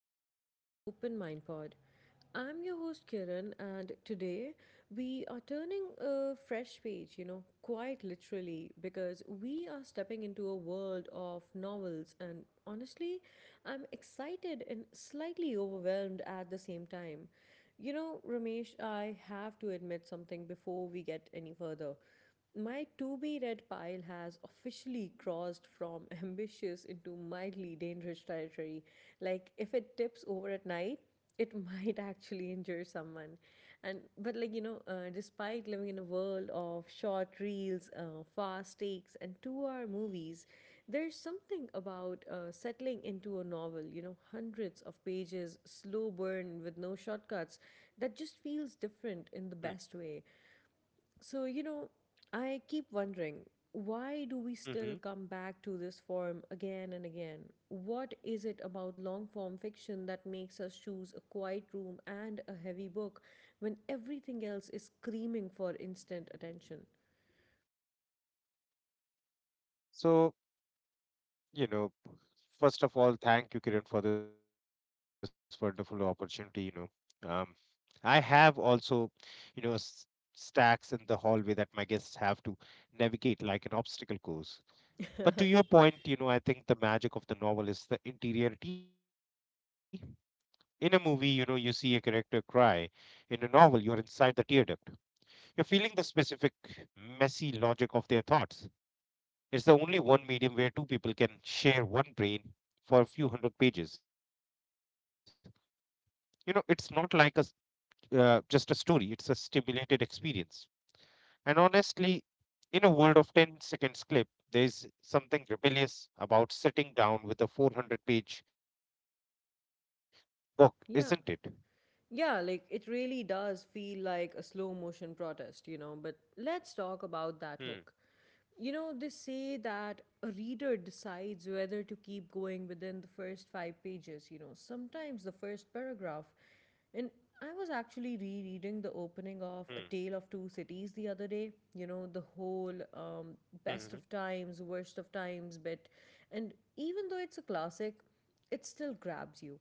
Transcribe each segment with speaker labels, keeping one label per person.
Speaker 1: welcome back to the Open Mind Pod. I'm your host Kiran, and today we are turning a fresh page, you know, quite literally, because we are stepping into a world of novels. And honestly, I'm excited and slightly overwhelmed at the same time. You know, Ramesh, I have to admit something before we get any further. My to be read pile has officially crossed from ambitious into mildly dangerous territory. Like, if it tips over at night, it might actually injure someone. And, but, like, you know, Despite living in a world of short reels, fast takes, and 2 hour movies, there's something about settling into a novel, you know, hundreds of pages, slow burn with no shortcuts, that just feels
Speaker 2: Mm,
Speaker 1: different in the best way. You know, I keep wondering, why do we still
Speaker 2: mhm.
Speaker 1: come back to this form again and again? What is it about long form fiction that makes us choose a quiet room and a heavy book when everything else is screaming for instant attention?
Speaker 2: So, you know, first of all, thank you, Kiran, for this wonderful opportunity. Know, um, I have also, you know, s- stacks in the hallway that my guests have to navigate like an obstacle course. But to your point, I think the magic of the novel is the interiority. In a movie, you see a character cry. In a novel, you are inside the tear duct. You're feeling the specific, messy logic of their thoughts. It's the only one medium where two people can share one brain for a few hundred pages. It's not like just a story, it's a stimulated experience. And honestly, in a world of 10 seconds clip, there is something rebellious about sitting down with a 400-page book,
Speaker 1: yeah,
Speaker 2: isn't it?
Speaker 1: Yeah, like it really does feel like a slow motion protest, you know. But let's talk about that hook. You know,
Speaker 2: Hmm.
Speaker 1: they say that a reader decides whether to keep going within the first five pages, you know, sometimes the first paragraph. And I was actually rereading the
Speaker 2: Hmm.
Speaker 1: opening of A Tale of Two Cities the other day, you know, the whole best of
Speaker 2: Hmm.
Speaker 1: times, worst of times bit. And even though it's a classic, it still grabs you.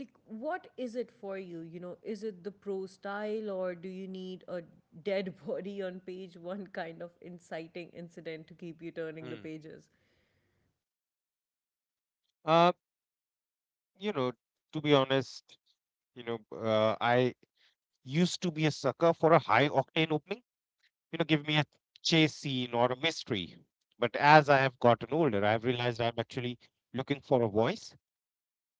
Speaker 1: Like, what is it
Speaker 2: Hmm. Hmm.
Speaker 1: for you? You know, is it the pro style, or do you need a dead body on page one kind of inciting incident to keep you turning the pages?
Speaker 2: Hmm. Uh, you know, to be honest, I used to be a sucker for a high octane opening. Give me a chase scene or a mystery. But as I have gotten older, I've realized I'm actually looking for a voice.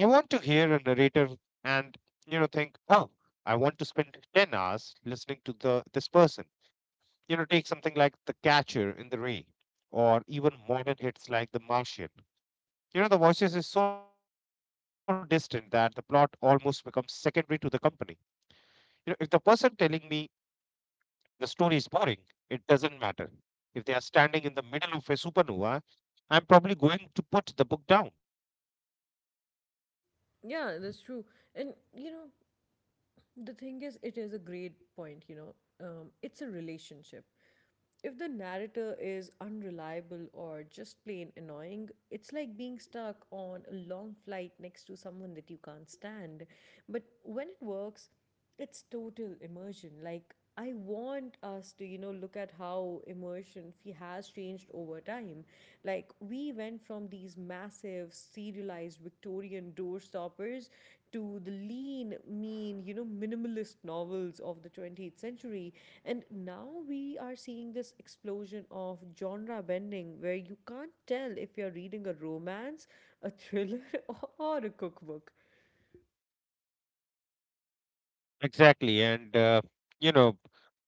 Speaker 2: I want to hear a narrator and, think, oh, I want to spend 10 hours listening to the this person. Take something like The Catcher in the Rye or even modern hits like The Martian. The voices is so distant that the plot almost becomes secondary to the company. If the person telling me the story is boring, it doesn't matter. If they are standing in the middle of a supernova, I'm probably going to put the book down.
Speaker 1: Yeah, that's true. And you know, the thing is, it is a great point. You know, it's a relationship. If the narrator is unreliable or just plain annoying, it's like being stuck on a long flight next to someone that you can't stand. But when it works, it's total immersion. Like, I want us to, you know, look at how immersion has changed over time. Like, we went from these massive, serialized Victorian door stoppers to the lean, mean, you know, minimalist novels of the 20th century. And now we are seeing this explosion of genre bending where you can't tell if you're reading a romance, a thriller, or a cookbook.
Speaker 2: Exactly. And, you know,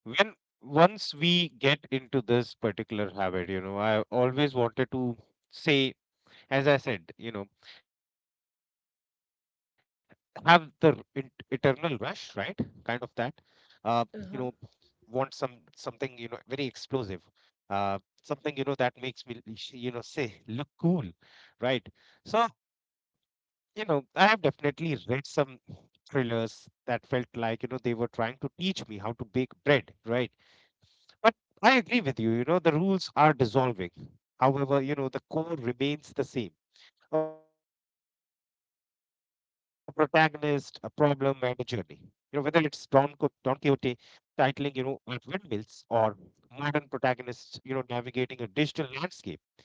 Speaker 2: when once we get into this particular habit, I always wanted to say, as I said, have the eternal rush, right? Kind of that. Uh, you know, want
Speaker 1: Uh huh.
Speaker 2: something, very explosive. uh, Something, that makes me, say look cool, right? So, I have definitely read some thrillers that felt like, they were trying to teach me how to bake bread, right? But I agree with you. You know the rules are dissolving. However, the core remains the same: a protagonist, a problem, and a journey. Whether it's Don Quixote titling, at windmills or modern protagonists, navigating a digital landscape.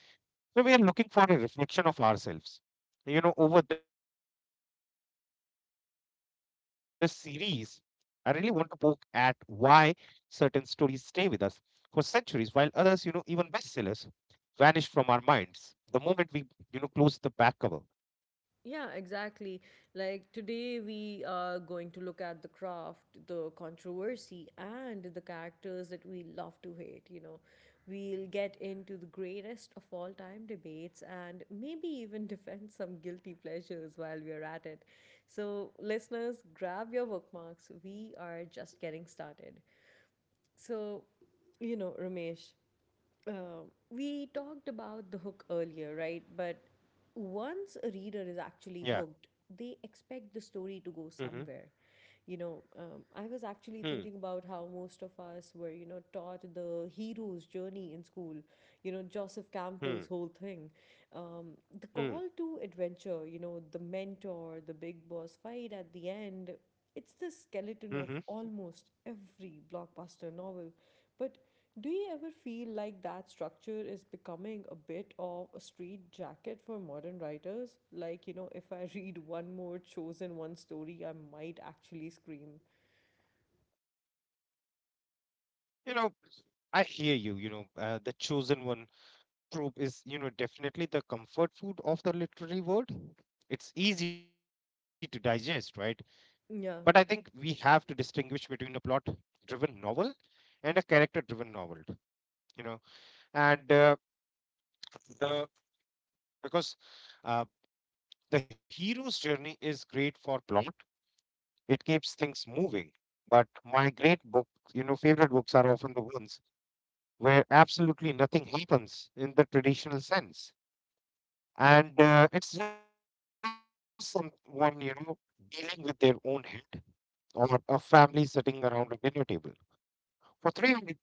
Speaker 2: So we are looking for a reflection of ourselves. Over this series, I really want to poke at why certain stories stay with us for centuries, while others, even bestsellers, vanish from our minds the moment we, close the back cover.
Speaker 1: Yeah, exactly. Like today, we are going to look at the craft, the controversy, and the characters that we love to hate. You know, we'll get into the greatest of all time debates and maybe even defend some guilty pleasures while we're at it. So, listeners, grab your bookmarks. We are just getting started. So, you know, Ramesh, uh, we talked about the hook earlier, right? But once a
Speaker 2: Yeah.
Speaker 1: reader is actually hooked, they expect the
Speaker 2: Mm-hmm.
Speaker 1: story to go somewhere. You know, I was actually thinking about how most of us were, you know, taught the hero's journey in school, you know, Joseph
Speaker 2: Hmm.
Speaker 1: Campbell's whole thing. Um,
Speaker 2: Hmm.
Speaker 1: the call to adventure, you know, the mentor, the big boss fight at the end, it's the
Speaker 2: Hmm.
Speaker 1: skeleton of almost every blockbuster novel. But do you ever feel like that structure is becoming a bit of a street jacket for modern writers? Like, you know, if I read one more chosen one story, I might actually scream.
Speaker 2: You know, I hear you. The chosen one trope is, definitely the comfort food of the literary world. It's easy to digest, right? But I think we have to
Speaker 1: Yeah.
Speaker 2: distinguish between a plot driven novel and a character driven novel. You know, and uh, the because uh, the hero's journey is great for plot, it keeps things moving. But my favorite books are often the ones where absolutely nothing happens in the traditional sense. And it's just someone, dealing with their own head or a family sitting around a dinner table. For 300 pages,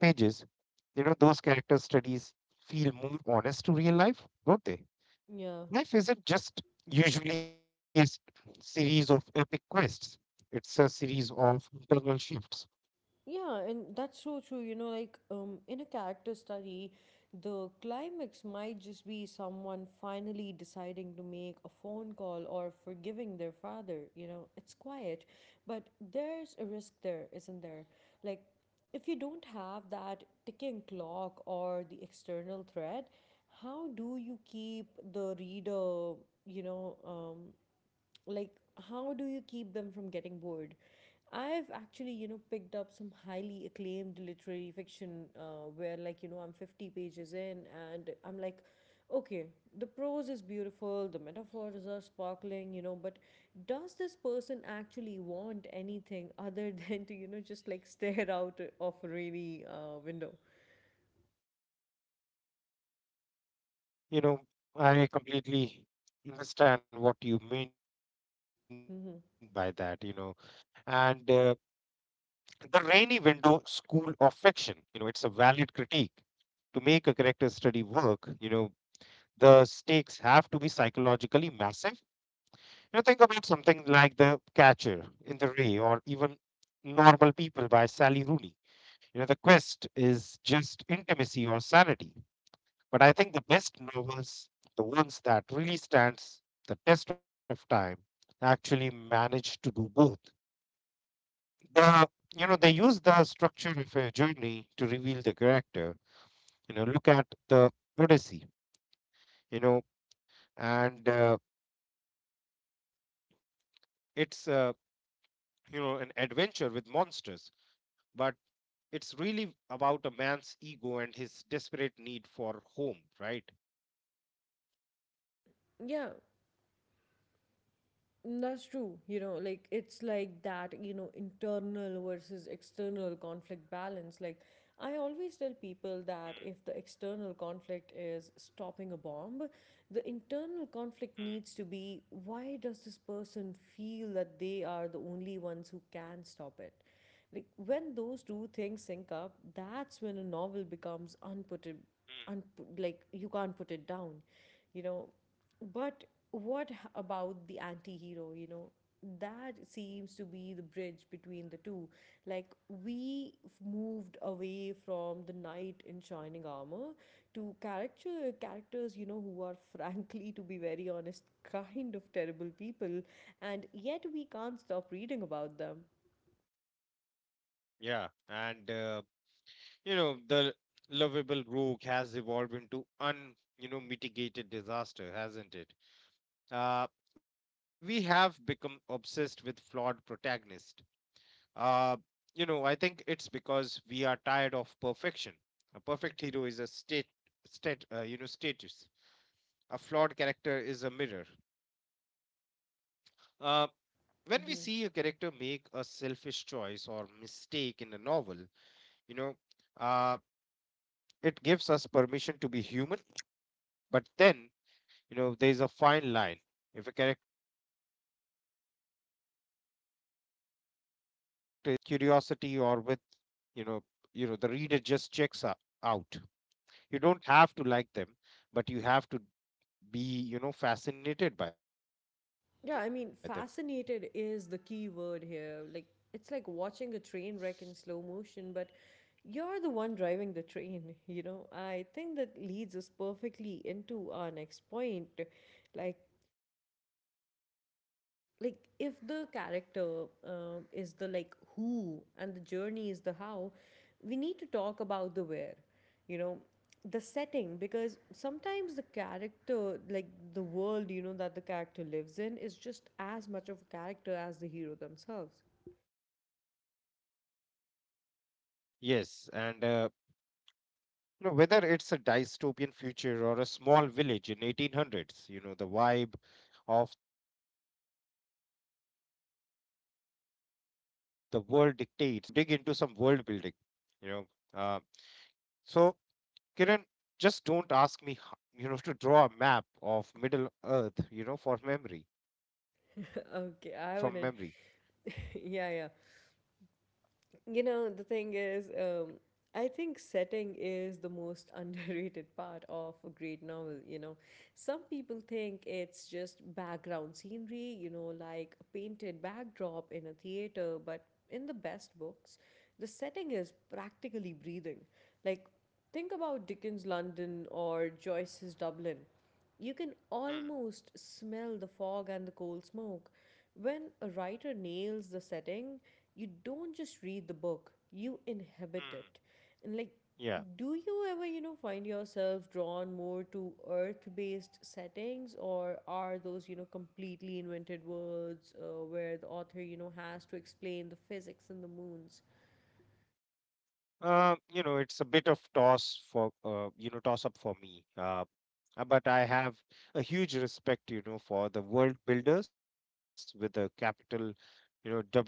Speaker 2: those character studies feel more honest to real life, don't they? Life
Speaker 1: Yeah.
Speaker 2: isn't just usually series of epic quests, it's a series of internal shifts.
Speaker 1: Yeah, and that's so true. You know, like in a character study, the climax might just be someone finally deciding to make a phone call or forgiving their father. You know, it's quiet, but there's a risk there, isn't there? Like, if you don't have that ticking clock or the external threat, how do you keep the reader, you know, um, like how do you keep them from getting bored? I've actually, you know, picked up some highly acclaimed literary fiction, where, like, you know, I'm 50 pages in, and I'm like, okay, the prose is beautiful, the metaphors are sparkling, you know, but does this person actually want anything other than to, you know, just like stare out of a rainy window?
Speaker 2: You know, I completely understand what you mean by that.
Speaker 1: Mm-hmm.
Speaker 2: And the rainy window school of fiction, it's a valid critique. To make a character study work, the stakes have to be psychologically massive. Think about something like The Catcher in the Rye, or even Normal People by Sally Rooney. The quest is just intimacy or sanity. But I think the best novels, the ones that really stands the test of time, actually manage to do both. the they use the structure of a journey to reveal the character. Look at The Odyssey. You know and uh, it's uh, you know an adventure with monsters, but it's really about a man's ego and his desperate need for home, right?
Speaker 1: Yeah, that's true. You know, like it's like that, you know, internal versus external conflict balance. Like, I
Speaker 2: Mm,
Speaker 1: always tell people that if the external conflict is stopping a bomb, the internal conflict needs to be, why does this person feel that they are the only ones who can stop it? Like when those two things sync up, that's when a novel becomes unput
Speaker 2: mm, mm.
Speaker 1: unput like you can't put it down, you know. But what about the anti-hero, you know? That seems to be the bridge between the two. Like we moved away from the knight in shining armor to characters, you know, who are frankly, to be very honest, kind of terrible people, and yet we can't stop reading about them.
Speaker 2: Yeah, and the lovable rogue has evolved into un, mitigated disaster, hasn't it? uh, we have become obsessed with flawed protagonists. Uh, I think it's because we are tired of perfection. A perfect hero is a status. A flawed character is a mirror. Uh, when we see a
Speaker 1: Mm-hmm.
Speaker 2: character make a selfish choice or mistake in a novel, you know, uh, it gives us permission to be human. But then, there is a fine line. If a character is too likable without any redeeming, you know uh, curiosity, or with, you know the reader just checks out. You don't have to like them, but you have to be, fascinated by them.
Speaker 1: Yeah, I mean, fascinated is the key word here. Like, it's like watching a train wreck in slow motion, but you're the one driving the train, you know? I think that leads us perfectly into our next point. Like, like if the character is the like who and the journey is the how, we need to talk about the where, you know, the setting, because sometimes the character, like, the world, you know, that the character lives in is just as much of a character as the hero themselves.
Speaker 2: Yes, and you know whether it's a dystopian future or a small village in 1800s, the vibe of the world dictates what the characters are even allowed to dream of. I'm ready to dig into some world building. You know uh, so Kiran, just don't ask me, to draw a map of Middle Earth, from memory.
Speaker 1: Okay, I wouldn't. Yeah, yeah. You know, the thing is, I think setting is the most underrated part of a great novel. You know, some people think it's just background scenery, you know, like a painted backdrop in a theater, but in the best books, the setting is practically breathing. Like, think about Dickens' London or Joyce's Dublin. You can
Speaker 2: Mm,
Speaker 1: almost smell the fog and the coal smoke. When a writer nails the setting, you don't just read the book, you inhabit
Speaker 2: mm.
Speaker 1: it. And like,
Speaker 2: Yeah.
Speaker 1: do you ever, you know, find yourself drawn more to earth based settings, or are those, you know, completely invented worlds where the author, you know, has to explain the physics and the moons?
Speaker 2: It's a bit of toss up for me. But I have a huge respect, for the world builders with a capital, W Wither.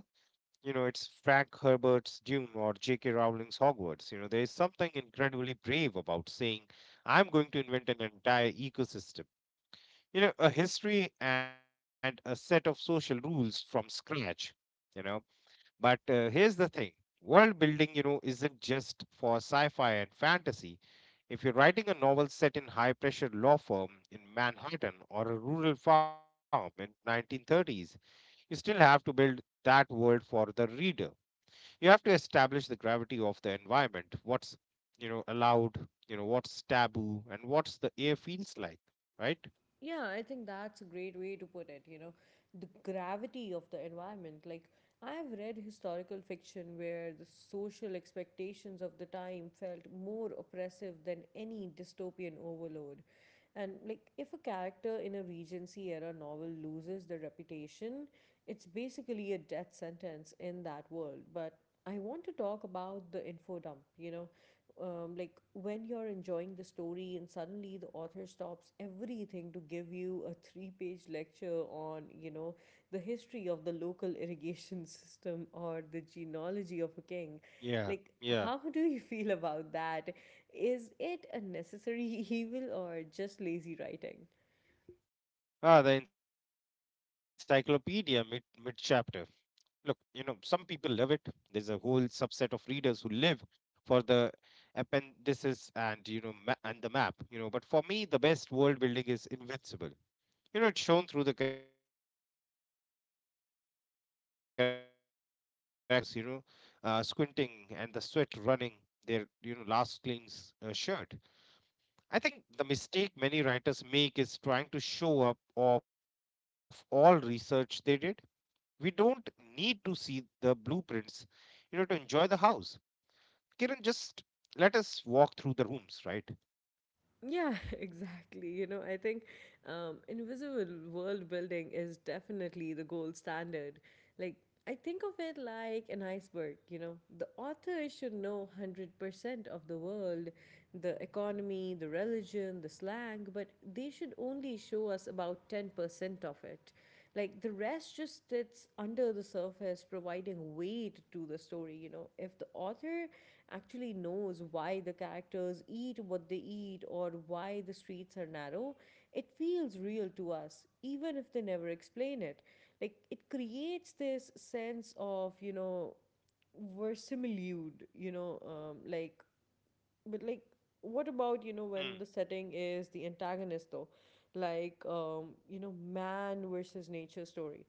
Speaker 2: It's Frank Herbert's Dune or J.K. Rowling's Hogwarts. There is something incredibly brave about saying, I'm going to invent an entire ecosystem, a history and a set of social rules from scratch. You know but uh, here's the thing, world building, isn't just for sci-fi and fantasy. If you're writing a novel set in high pressure law firm in Manhattan or a rural farm in 1930s, you still have to build that world for the reader. You have to establish the gravity of the environment: what's allowed, what's taboo, and what's the air feels like, right?
Speaker 1: Yeah, I think that's a great way to put it. You know, the gravity of the environment. Like, I've read historical fiction where the social expectations of the time felt more oppressive than any dystopian overload. And, like, if a character in a Regency era novel loses the reputation, it's basically a death sentence in that world. But I want to talk about the info dump, you know, like when you're enjoying the story and suddenly the author stops everything to give you a three-page lecture on, you know, the history of the local irrigation system or the genealogy of a king.
Speaker 2: Yeah,
Speaker 1: Like,
Speaker 2: yeah.
Speaker 1: how do you feel about that? Is it a necessary evil or just lazy writing?
Speaker 2: Ah, the encyclopedia mid chapter. Look, some people love it. There's a whole subset of readers who live for the appendices and the map. But for me, the best world building is invincible. It's shown through the characters' action. Don't tell me the sun is hot. Show me the characters, squinting and the sweat running their, last clean's, shirt. I think the mistake many writers make is trying to show up off all research they did. We don't need to see the blueprints, to enjoy the house. Kiran, just let us walk through the rooms, right?
Speaker 1: Yeah, exactly. You know, I think invisible world building is definitely the gold standard. Like, I think of it like an iceberg, you know. The author should know 100% of the world, the economy, the religion, the slang, but they should only show us about 10% of it. Like, the rest just sits under the surface providing weight to the story. You know, if the author actually knows why the characters eat what they eat or why the streets are narrow, it feels real to us even if they never explain it. Like, it creates this sense of, you know, verisimilitude, you know. Like but like What about, you know, when the
Speaker 2: Mm,
Speaker 1: setting is the antagonist though? Like, you know, man versus nature story.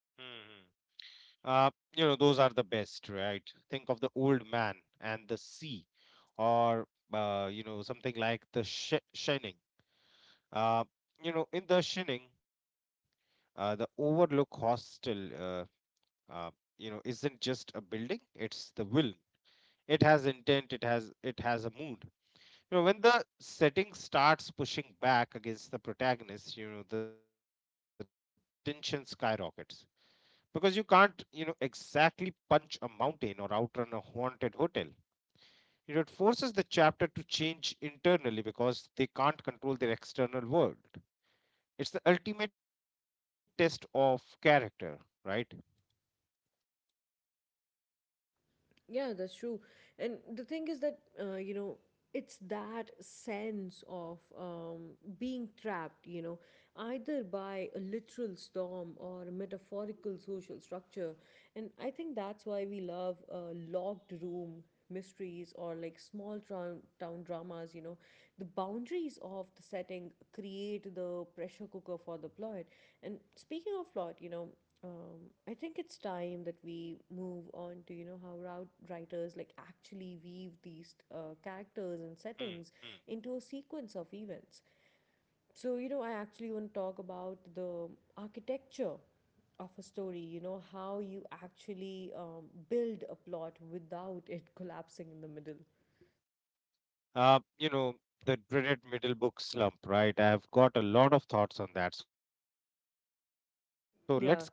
Speaker 2: mm, mm. uh, those are the best, right? Think of The Old Man and the Sea, or something like The Shining. uh, in The Shining, the Overlook Hostel, uh, uh, isn't just a building. It's the will. It has intent. It has a mood. When the setting starts pushing back against the protagonist, the tension skyrockets because you can't, exactly punch a mountain or outrun a haunted hotel. It forces the chapter to change internally because they can't control their external world. It's the ultimate test of character, right?
Speaker 1: Yeah, that's true. And the thing is that, you know, it's that sense of um, being trapped, you know, either by a literal storm or a metaphorical social structure. And I think that's why we love a locked room mysteries, or like small town dramas, you know. The boundaries of the setting create the pressure cooker for the plot. And speaking of plot, you know, I think it's time that we move on to, you know, how route writers like actually weave these characters and
Speaker 2: Hmm,
Speaker 1: settings
Speaker 2: hmm.
Speaker 1: into a sequence of events. So, you know, I actually want to talk about the architecture of a story, you know, how you actually build a plot without it collapsing in the middle.
Speaker 2: Uh, you know, the dreaded middle book slump, right? I've got a lot of thoughts on that. So let's get into the blueprints, right?
Speaker 1: Yeah.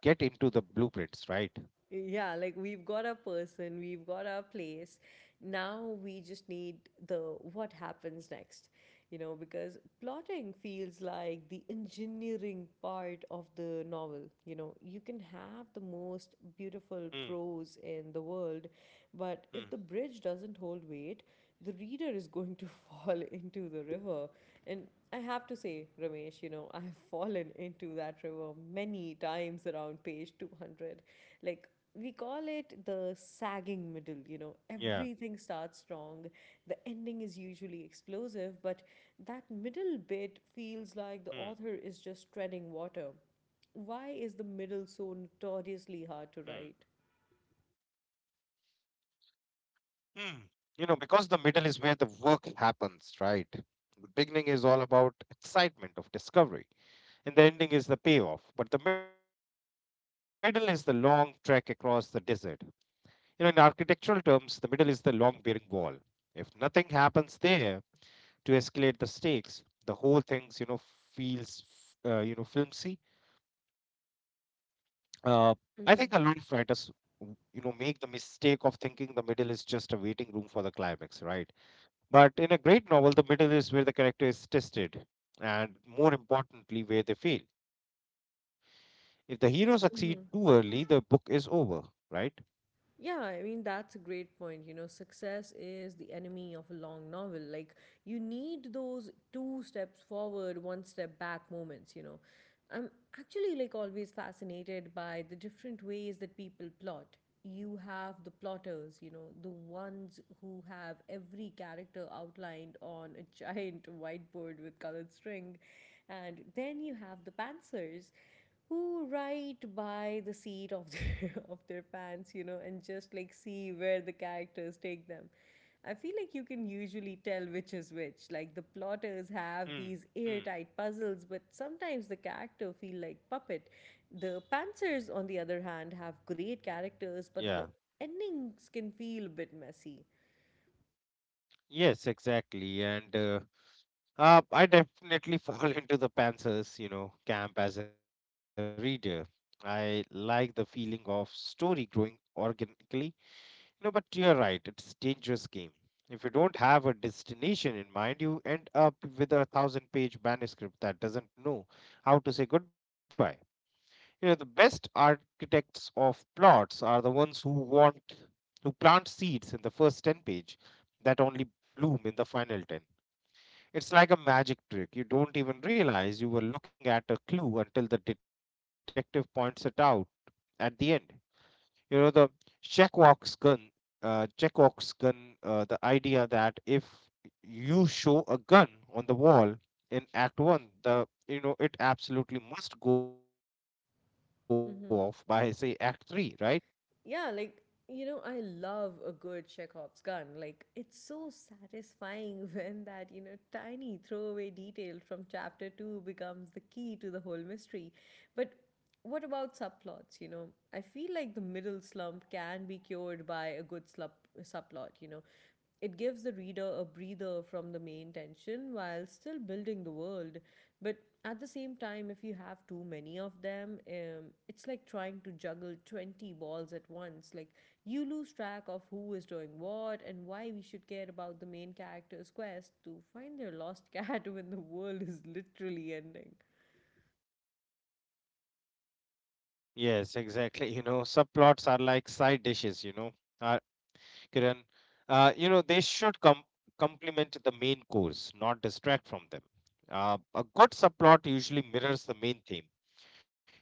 Speaker 1: Yeah, like we've got our person, we've got our place. Now we just need the what happens next, you know, because plotting feels like the engineering part of the novel. You know, you can have the most beautiful
Speaker 2: Hmm,
Speaker 1: prose in the world, but
Speaker 2: hmm.
Speaker 1: if the bridge doesn't hold weight, the reader is going to fall into the river. And I have to say, Ramesh, you know, I have fallen into that river many times around page 200. Like, we call it the sagging middle, you know,
Speaker 2: Yeah.
Speaker 1: everything starts strong. The ending is usually explosive, but that middle bit feels like the
Speaker 2: Hmm.
Speaker 1: author is just treading water. Why is
Speaker 2: Hmm.
Speaker 1: the middle so notoriously hard to write?
Speaker 2: Hmm. Because the middle is where the work happens, right? The beginning is all about excitement of discovery, and the ending is the payoff. But the middle is the long trek across the desert. In architectural terms, the middle is the long bearing wall. If nothing happens there to escalate the stakes, the whole thing, feels, flimsy. uh, I think a lot of writers, make the mistake of thinking the middle is just a waiting room for the climax, right? But in a great novel, the middle is where the character is tested, and more importantly, where they fail. If the hero succeed too early, the book is over, right?
Speaker 1: Yeah, I mean, that's a great point. You know, success is the enemy of a long novel. Like, you need those two steps forward, one step back moments, you know. I'm always fascinated by the different ways that people plot. You have the plotters, you know, the ones who have every character outlined on a giant whiteboard with colored string. And then you have the pantsers who write by the seat of their of their pants, you know, and just like see where the characters take them. I feel like you can usually tell which is which. Like the plotters have
Speaker 2: Mm,
Speaker 1: these
Speaker 2: mm.
Speaker 1: airtight puzzles, but sometimes the character feel like puppet. The pantsers, on the other hand, have great characters, but the
Speaker 2: Yeah.
Speaker 1: endings can feel a bit messy.
Speaker 2: Yes, exactly. And I definitely fall into the Panthers, camp as a reader. I like the feeling of story growing organically. No, but you're right. It's dangerous game. If you don't have a destination in mind, you end up with a thousand page manuscript that doesn't know how to say goodbye. You know, the best architects of plots are the ones who plant seeds in the first 10 page that only bloom in the final 10. It's like a magic trick. You don't even realize you were looking at a clue until the detective points it out at the end. You know, the checkbox gun. Uh, checkbox gun, the idea that if you show a gun on the wall in act 1, the you know, it absolutely must go off by, say, act 3, right?
Speaker 1: Mm-hmm. Yeah, like, you know, I love a good Chekhov's gun. Like, it's so satisfying when that, you know, tiny throwaway detail from chapter two becomes the key to the whole mystery. But what about subplots, you know? I feel like the middle slump can be cured by a good subplot, you know. It gives the reader a breather from the main tension while still building the world. But at the same time, if you have too many of them, it's like trying to juggle 20 balls at once. Like, you lose track of who is doing what and why we should care about the main character's quest to find their lost cat when the world is literally ending.
Speaker 2: Yes, exactly, you know, subplots are like side dishes, you know. uh, Kiran, you know, complement the main course, not distract from them. A good subplot usually mirrors the main theme.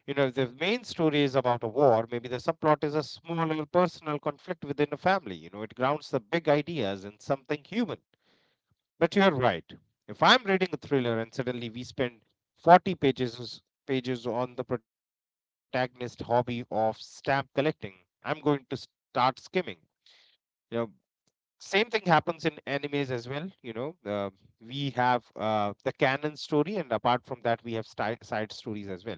Speaker 2: You know, if the main story is about a war, maybe the subplot is a smaller personal conflict within a family. You know, it grounds the big ideas in something human. But you're right. If I'm reading a thriller and suddenly we spend 40 pages on the protagonist hobby of stamp collecting, I'm going to start skimming. You know, same thing happens in animes as well. You know, we have the canon story, and apart from that, we have side stories as well.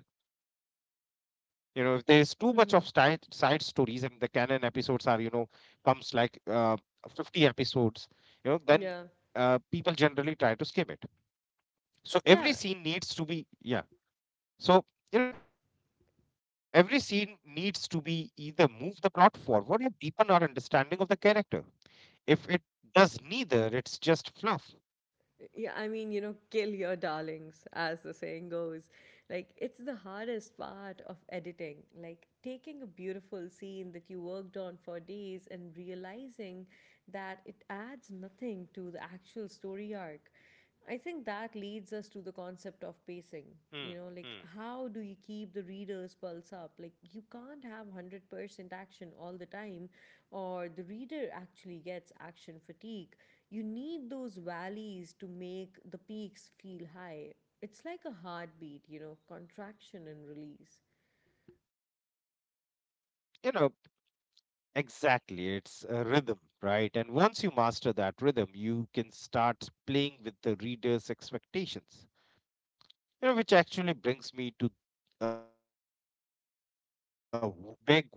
Speaker 2: You know, if there's too much of side
Speaker 1: Mm-hmm.
Speaker 2: stories and the canon episodes are, you know, comes like 50 episodes, you know, then
Speaker 1: Yeah.
Speaker 2: people generally try to skip it. So every
Speaker 1: Yeah,
Speaker 2: scene needs to be, yeah, so you know, every scene needs to be either move the plot forward or deepen our understanding of the character. If it does neither, it's just fluff.
Speaker 1: yeah, I mean, you know, kill your darlings, as the saying goes. Like, it's the hardest part of editing. Like, taking a beautiful scene that you worked on for days and realizing that it adds nothing to the actual story arc. I think that leads us to the concept of pacing.
Speaker 2: Hmm.
Speaker 1: You know, like
Speaker 2: Hmm.
Speaker 1: how do you keep the reader's pulse up? Like you can't have 100% action all the time, or the reader actually gets action fatigue. You need those valleys to make the peaks feel high. It's like a heartbeat, you know, contraction and release.
Speaker 2: Uh, you know, exactly. It's a rhythm, right? And once you master that rhythm, you can start playing with the reader's expectations. You know, which actually brings me to a big one, you know, the plot twist.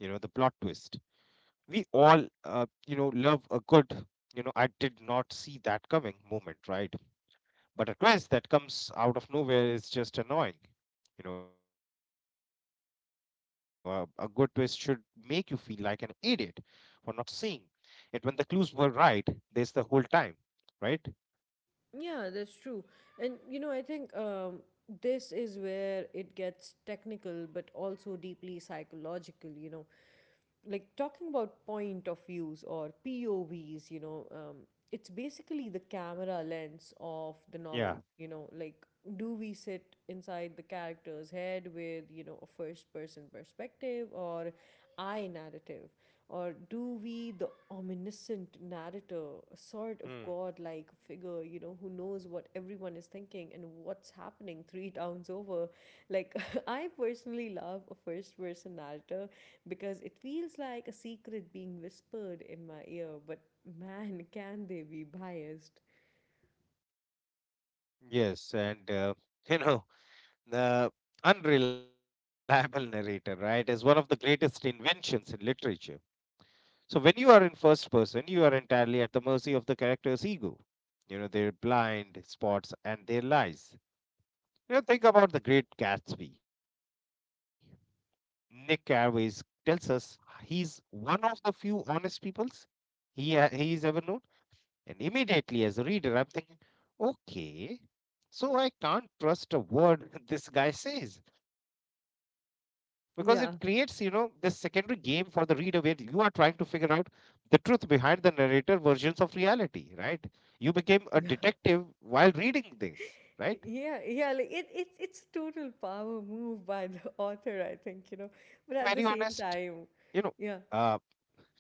Speaker 2: We all, uh, you know, love a good, you know, I did not see that coming moment, right? But a twist that comes out of nowhere is just annoying, you know. A good twist should make you feel like an idiot for not seeing it when the clues were right there's the whole time, right?
Speaker 1: Yeah, that's true. And you know, I think this is where it gets technical but also deeply psychological, you know. Like talking about point of views or POVs, you know, it's basically the camera lens of the
Speaker 2: Yeah.
Speaker 1: novel, you know, like do we sit inside the character's head with, you know, a first person perspective or I narrative? Or do we, the omniscient narrator, a sort of
Speaker 2: Hmm.
Speaker 1: god like figure, you know, who knows what everyone is thinking and what's happening three towns over? Like, I personally love a first person narrator because it feels like a secret being whispered in my ear, but man, can they be biased?
Speaker 2: Yes, and you know, the unreliable narrator, right, is one of the greatest inventions in literature. So when you are in first person, you are entirely at the mercy of the character's ego. You know, their blind spots and their lies. You know, think about the Great Gatsby. Nick Carraway's tells us he's one of the few honest peoples he's ever known. And immediately as a reader, I'm thinking, okay, so I can't trust a word this guy says, because it creates, you know, this
Speaker 1: Yeah,
Speaker 2: secondary game for the reader where you are trying to figure out the truth behind the narrator versions of reality, right? You became a
Speaker 1: yeah.
Speaker 2: detective while reading this, right?
Speaker 1: Yeah, yeah, like it's a total power move by the author, I think,
Speaker 2: And
Speaker 1: you know.
Speaker 2: to be
Speaker 1: But at
Speaker 2: very
Speaker 1: the same
Speaker 2: honest,
Speaker 1: time,
Speaker 2: you know,
Speaker 1: yeah.
Speaker 2: uh,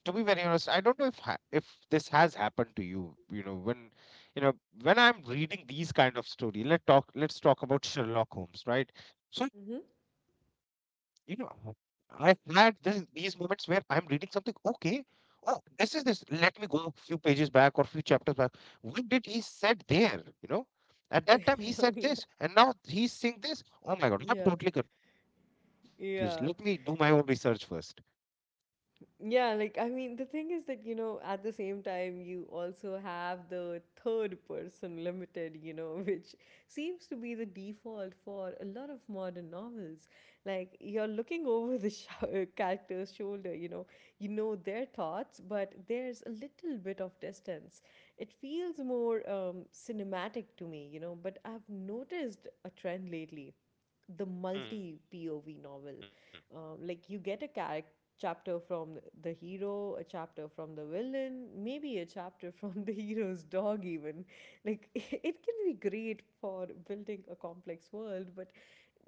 Speaker 2: to be very honest, I don't know if this has happened to you. You know, when, you know when I'm reading these kind of story, let's talk about Sherlock Holmes, right? So you know, I had this, these moments where I'm reading something. Okay, oh, this is this. Let me go a few pages back or few chapters back. What did he said there? You know. At that time, he said this,
Speaker 1: Mm-hmm.
Speaker 2: and now he's saying this. Oh my God, I'm
Speaker 1: Yeah.
Speaker 2: totally confused. Let me do my own research
Speaker 1: Yeah.
Speaker 2: first.
Speaker 1: Yeah. Like, I mean, the thing is that, you know, at the same time, you also have the third person limited, you know, which seems to be the default for a lot of modern novels. Like, you're looking over the character's shoulder, you know their thoughts, but there's a little bit of distance. It feels more cinematic to me, you know, but I've noticed a trend lately the
Speaker 2: Hmm.
Speaker 1: multi POV novel. Like you get a character chapter from the hero, a chapter from the villain, maybe a chapter from the hero's dog even. Like it can be great for building a complex world, but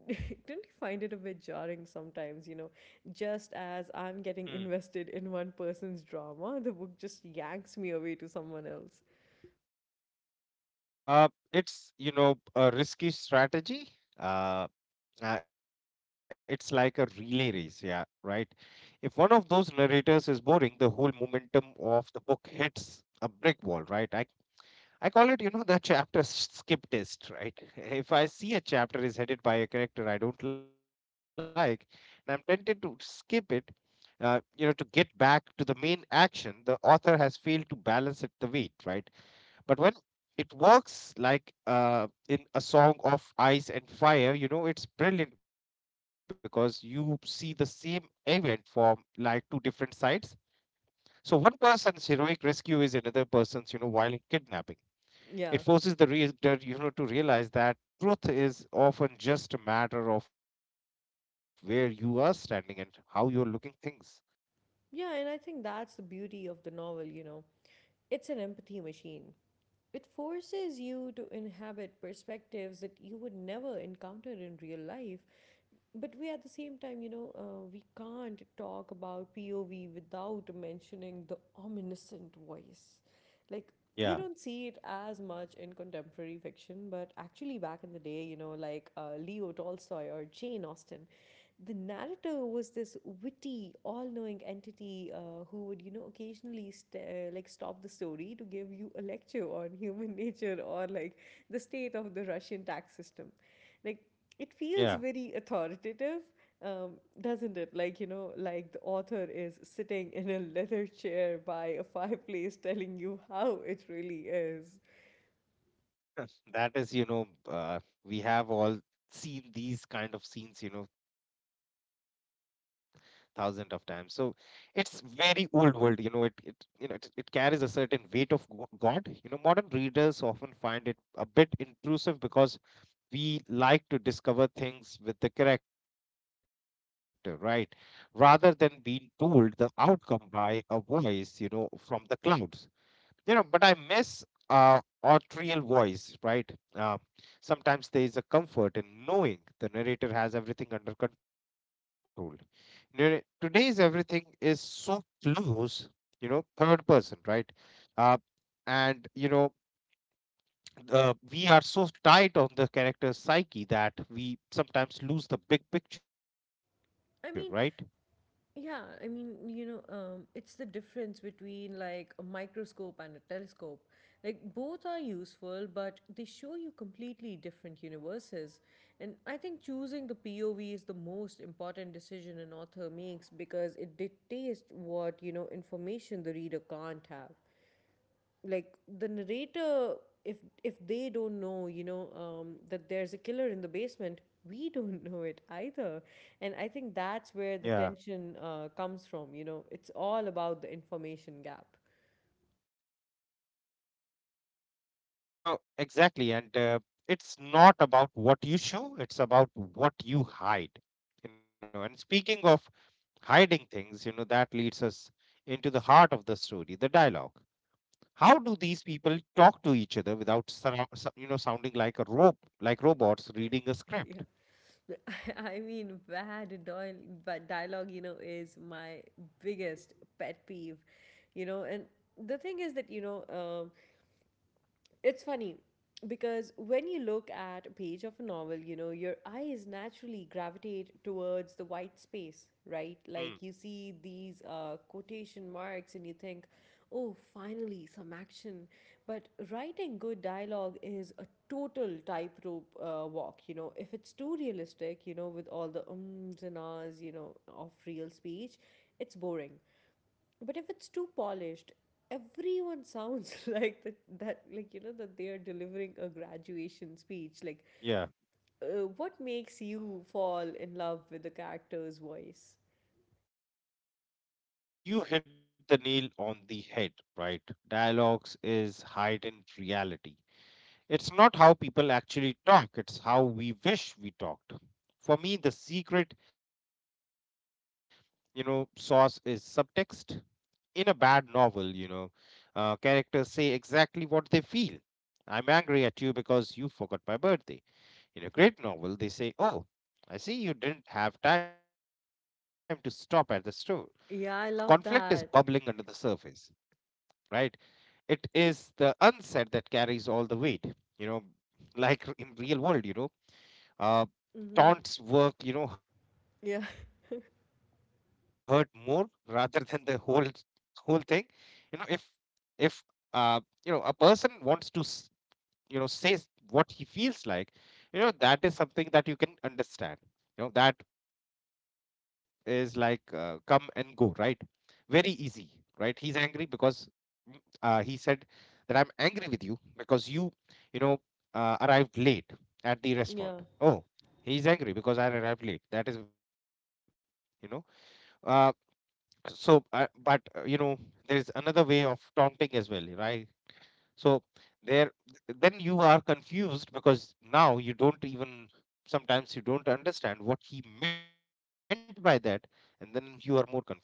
Speaker 1: don't you find it a bit jarring sometimes, you know? Just
Speaker 2: Hmm.
Speaker 1: as I'm getting invested in one person's drama, the book just yanks me away to someone else.
Speaker 2: Uh, it's, you know, a risky strategy. Uh, it's like a relay race, yeah, right. If one of those narrators is boring, the whole momentum of the book hits a brick wall, right? I call it, you know, the chapter skip test, right? If I see a chapter is headed by a character I don't like, and I'm tempted to skip it. You know, to get back to the main action, the author has failed to balance it the weight, right? But when it works, like in A Song of Ice and Fire, you know, it's brilliant because you see the same event from like two different sides. So one person's heroic rescue is another person's, you know, violent kidnapping.
Speaker 1: Yeah.
Speaker 2: It forces the reader, you know, to realize that truth is often just a matter of where you are standing and how you're looking things.
Speaker 1: Yeah, and I think that's the beauty of the novel, you know. It's an empathy machine. It forces you to inhabit perspectives that you would never encounter in real life but we at the same time, you know, we can't talk about POV without mentioning the omniscient voice. Like,
Speaker 2: Yeah,
Speaker 1: you don't see it as much in contemporary fiction, but actually, back in the day, you know, like Leo Tolstoy or Jane Austen, the narrator was this witty, all knowing entity who would, you know, occasionally stop the story to give you a lecture on human nature or like the state of the Russian tax system. Like, it feels
Speaker 2: yeah.
Speaker 1: very authoritative, doesn't it? Like, you know, like the author is sitting in a leather chair by a fireplace telling you how it really is.
Speaker 2: That is, you know, we have all seen these kind of scenes, you know, thousands of times. So it's very old world, you know. It you know, it carries a certain weight of god, you know. Modern readers often find it a bit intrusive because we like to discover things with the character, right, rather than being told the outcome by a voice, you know, from the clouds. You know, but I miss uh authorial voice, right? uh, Sometimes there is a comfort in knowing the narrator has everything under control. Today's everything is so close, you know, third person, right? uh, and you know, we are so tight on the character's psyche that we sometimes lose the big picture,
Speaker 1: I
Speaker 2: right?
Speaker 1: mean, Yeah, I mean, you know, it's the difference between like a microscope and a telescope. Like, both are useful, but they show you completely different universes. And I think choosing the POV is the most important decision an author makes because it dictates what, you know, information the reader can't have like the narrator if if they don't know you know that there's a killer in the basement we don't know it either. And I think that's where the
Speaker 2: Yeah.
Speaker 1: tension comes from, you know, it's all about the information gap.
Speaker 2: You know, exactly. And it's not about what you show, it's about what you hide. You know, and speaking of hiding things, you know, that leads us into the heart of the story, the dialogue. How do these people talk to each other without you know, sounding like a rope, like robots reading a
Speaker 1: Yeah.
Speaker 2: script?
Speaker 1: I mean, bad Doyle. But dialogue, you know, is my biggest pet peeve, you know. And the thing is that, you know, it's funny because when you look at a page of a novel, you know, your eyes naturally gravitate towards the white space, right? Like you
Speaker 2: Hmm.
Speaker 1: see these quotation marks and you think, oh, finally, some action. But writing good dialogue is a total tightrope walk, you know. If it's too realistic, you know, with all the ums and ahs, you know, of real speech,
Speaker 2: Yeah,
Speaker 1: it's boring. But if it's too polished, everyone sounds like that you know that they are delivering a graduation speech. Like,
Speaker 2: yeah.
Speaker 1: what makes you fall in love with the character's voice?
Speaker 2: Uh, you hit the nail on the head, right? Dialogues is heightened reality. It's not how people actually talk, it's how we wish we talked. For me, the secret, you know, source is subtext. In a bad novel, you know, characters say exactly what they feel. I'm angry at you because you forgot my birthday. In a great novel, they say, oh, I see you didn't have time to stop at the store. Conflict
Speaker 1: Yeah,
Speaker 2: is
Speaker 1: I love
Speaker 2: bubbling under the
Speaker 1: that.
Speaker 2: surface, right? It is the unsaid that carries all the weight, you know. Like, r- in real world, you know, uh
Speaker 1: Mm-hmm.
Speaker 2: taunts work, you know, hurt
Speaker 1: Yeah.
Speaker 2: more rather than the whole thing, you know. If if uh you know, a person wants to you know, say what he feels like, you know, that is something that you can understand, you know. That is like, come and go, right? Very easy, right? He's angry because, mm, he said that, I'm angry with you because you know, arrived late at the
Speaker 1: Yeah.
Speaker 2: restaurant. Oh, he's angry because I arrived late. That is, you know, uh, so but you know, there's another way of taunting as well, right? So there, then you are confused because now you don't even, sometimes you don't understand what he meant by that, and then you are more confused.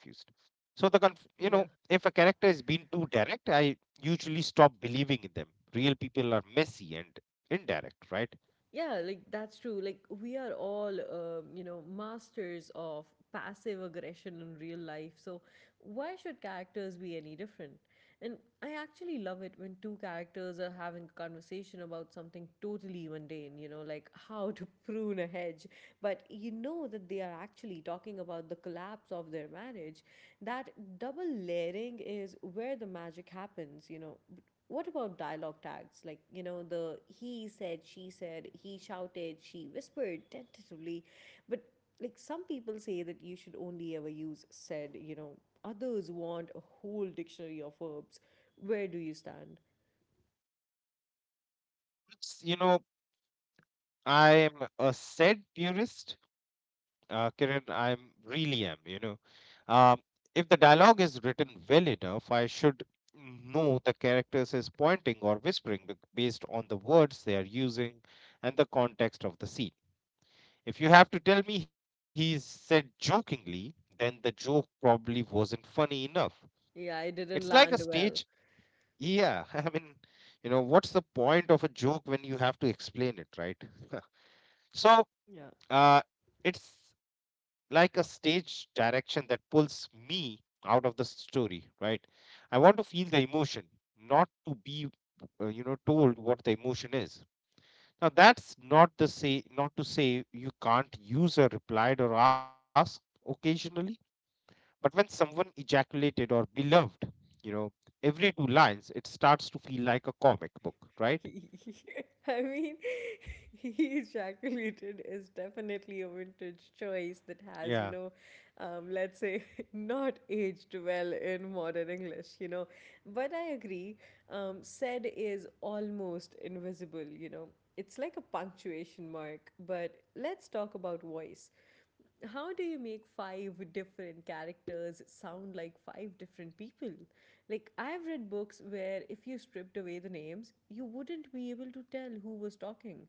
Speaker 2: So you know, if
Speaker 1: Yeah.
Speaker 2: a character is being too direct, I usually stop believing in them. Real people are messy and indirect, right?
Speaker 1: Yeah, like that's true. Like we are all, you know, masters of passive aggression in real life. So why should characters be any different? And I actually love it when two characters are having a conversation about something totally mundane, you know, like how to prune a hedge. But you know that they are actually talking about the collapse of their marriage. That double layering is where the magic happens, you know. What about dialogue tags? Like, you know, the he said, she said, he shouted, she whispered tentatively. But, like, some people say that you should only ever use said, you know, others want a whole dictionary of verbs. Where do you stand?
Speaker 2: It's, you know, I am a said purist, Kiran. I'm really am. You know, um, if the dialogue is written well enough, I should know the characters is pointing or whispering based on the words they are using and the context of the scene. If you have to tell me he said jokingly, then the joke probably wasn't funny enough.
Speaker 1: Yeah, I
Speaker 2: It's like
Speaker 1: didn't
Speaker 2: a
Speaker 1: land
Speaker 2: stage.
Speaker 1: well.
Speaker 2: Yeah, I mean, you know, what's the point of a joke when you have to explain it, right? so,
Speaker 1: Yeah.
Speaker 2: uh, it's like a stage direction that pulls me out of the story, right? I want to feel the emotion, not to be, you know, told what the emotion is. Now that's not to say you can't use a replied or asked occasionally, but when someone ejaculated or beloved, you know, every two lines, it starts to feel like a comic book, right?
Speaker 1: I mean, he ejaculated is definitely a vintage choice
Speaker 2: Yeah.
Speaker 1: that has, you know, let's say, not aged well in modern English, you know. But I agree, said is almost invisible, you know. It's like a punctuation mark, but let's talk about voice, how do you make five different characters sound like five different people? Like, I've read books where if you stripped away the names, you wouldn't be able to tell who was talking.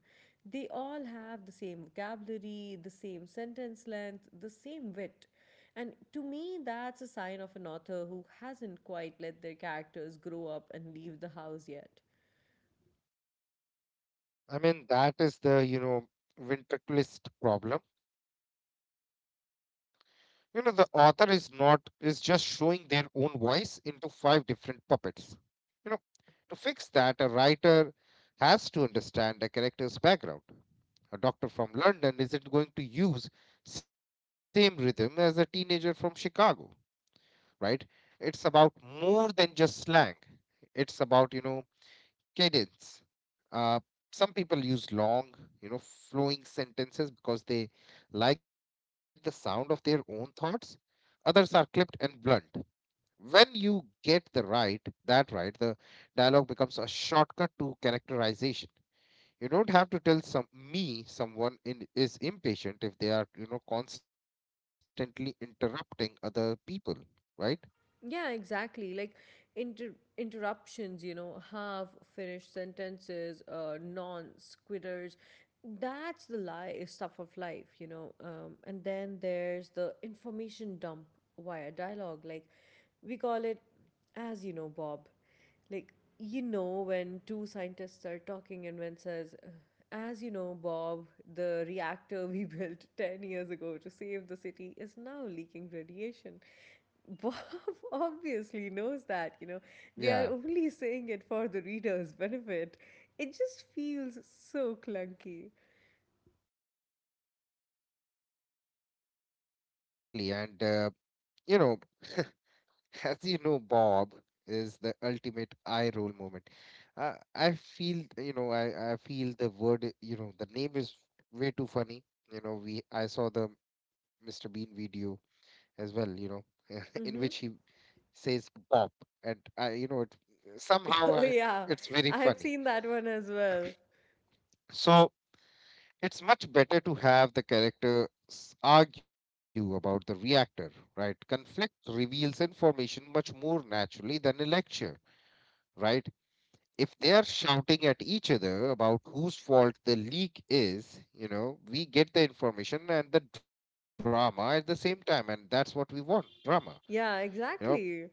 Speaker 1: They all have the same vocabulary, the same sentence length, the same wit. And to me, that's a sign of an author who hasn't quite let their characters grow up and leave the house yet.
Speaker 2: I mean, that is the, you know, ventriculist problem. You know, the author is not is just showing their own voice into five different puppets. You know, to fix that, a writer has to understand the character's background. A doctor from London isn't going to use same rhythm as a teenager from Chicago, right? It's about more than just slang. It's about, you know, cadence. Uh, some people use long, you know, flowing sentences because they like the sound of their own thoughts. Others are clipped and blunt. When you get that right, the dialogue becomes a shortcut to characterization. You don't have to tell someone is impatient if they are, you know, constantly interrupting other people, right?
Speaker 1: Yeah, exactly. Like interruptions, you know, half finished sentences, non squitters. That's the lie stuff of life, you know. And then there's the information dump via dialogue. Like we call it, as you know, Bob. Like you know when two scientists are talking and when says, as you know, Bob, the reactor we built 10 years ago to save the city is now leaking radiation. Bob obviously knows that, you know, they
Speaker 2: Yeah,
Speaker 1: are only saying it for the reader's benefit. It just feels so clunky.
Speaker 2: exactly. You know, as you know, Bob is the ultimate eye roll moment. Uh, I feel, I feel the word, you know, the name is way too funny. You know, we I saw the Mr. Bean video as well, you know, in which he
Speaker 1: Mm-hmm.
Speaker 2: says Bob, and I, you know, it, somehow
Speaker 1: Oh,
Speaker 2: I,
Speaker 1: yeah,
Speaker 2: it's very
Speaker 1: I've
Speaker 2: funny.
Speaker 1: seen that one as well.
Speaker 2: So it's much better to have the characters argue about the reactor, right? Conflict reveals information much more naturally than a lecture, right? If they are shouting at each other about whose fault the leak is, you know, we get the information and the drama at the same time, and that's what we want drama. You
Speaker 1: Yeah,
Speaker 2: know,
Speaker 1: exactly.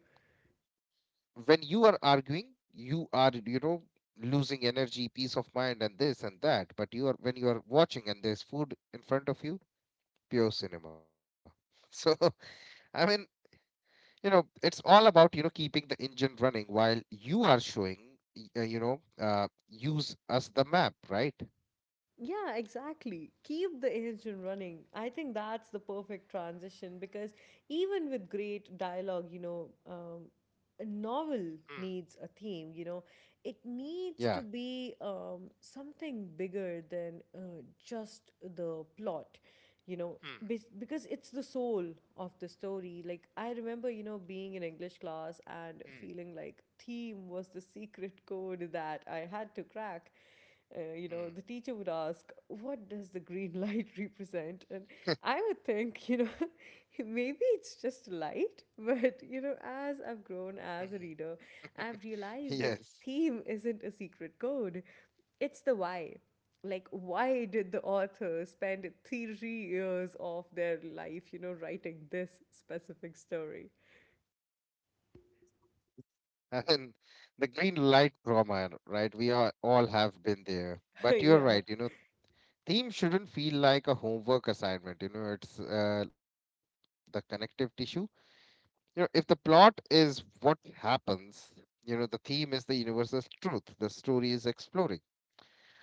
Speaker 2: when you are arguing, you are losing energy, peace of mind, and this and that. When you are watching and there's food in front of you, pure cinema. So, I mean, you know, it's all about, you know, keeping the engine running while you are showing, use as the map, right?
Speaker 1: Yeah, exactly. Keep the engine running. I think that's the perfect transition because even with great dialogue, you know, a
Speaker 2: Mm.
Speaker 1: novel needs a theme, you know, it
Speaker 2: Yeah.
Speaker 1: needs to be something bigger than just the plot, you know,
Speaker 2: Mm,
Speaker 1: because it's the soul of the story. Like, I remember, you know, being in English class
Speaker 2: mm,
Speaker 1: and feeling like theme was the secret code that I had to crack, you
Speaker 2: mm,
Speaker 1: know, the teacher would ask, what does the green light represent? And I would think, you know, maybe it's just light. But, you know,
Speaker 2: mhm.
Speaker 1: as I've grown as a reader, I've
Speaker 2: Yes.
Speaker 1: realized that theme isn't a secret code, it's the why. Like, why did the author spend 3 years of their life, you know, writing this specific story?
Speaker 2: And the green light trauma, right? We are all have been there. But you're
Speaker 1: yeah.
Speaker 2: right, you know, theme shouldn't feel like a homework assignment. You know, it's the connective tissue. You know, if the plot is what happens, you know, the theme is the universal truth the story is exploring.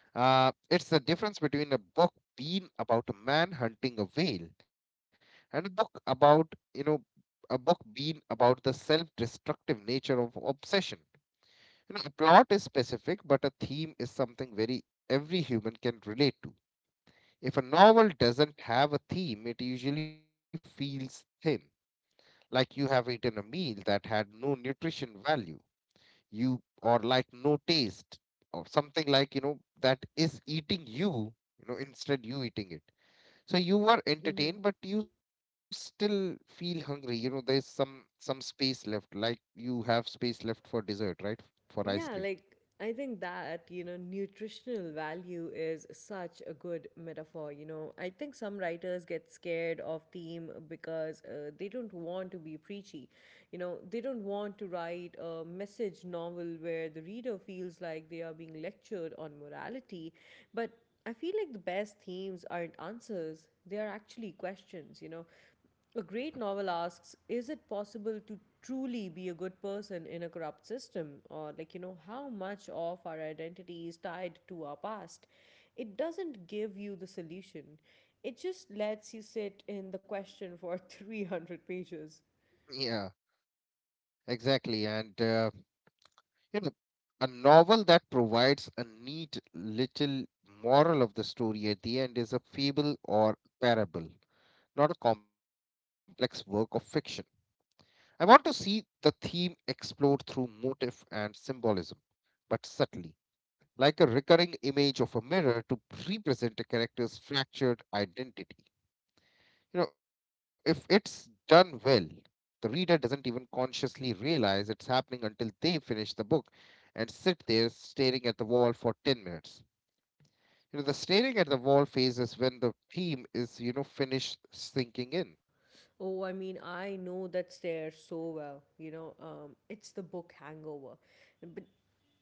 Speaker 2: It's the difference between a book being about a man hunting a whale and a book being about the self destructive nature of obsession. You know, a plot is specific, but a theme is something very every human can relate to. If a novel doesn't have a theme, it usually feels thin, like you have eaten a meal that had no nutrition value you, or like no taste or something, like you know that is eating you, you know, instead you eating it. So you were entertained but you still feel hungry, you know, there's some space left, like you have space left for dessert, right? For ice cream.
Speaker 1: Yeah, like I think that, you know, nutritional value is such a good metaphor. You know, I think some writers get scared of theme because they don't want to be preachy. You know, they don't want to write a message novel where the reader feels like they are being lectured on morality. But I feel like the best themes aren't answers, they are actually questions, you know. A
Speaker 2: Yeah,
Speaker 1: great novel asks, is it possible to truly be a good person in a corrupt system? Or, like, you know, how much of our identity is tied to our past? It doesn't give you the solution, it just lets you sit in the question for 300 pages.
Speaker 2: yeah, exactly. and you know, a novel that provides a neat little moral of the story at the end is a fable or parable, not a complex work of fiction. I want to see the theme explored through motif and symbolism, but subtly, like a recurring image of a mirror to represent a character's fractured identity. You know, if it's done well, the reader doesn't even consciously realize it's happening until they finish the book and sit there staring at the wall for 10 minutes. You know, the staring at the wall phase is when the theme is, you know, finished sinking in.
Speaker 1: Oh, I mean, I know that stare so well. You know, it's the book hangover. But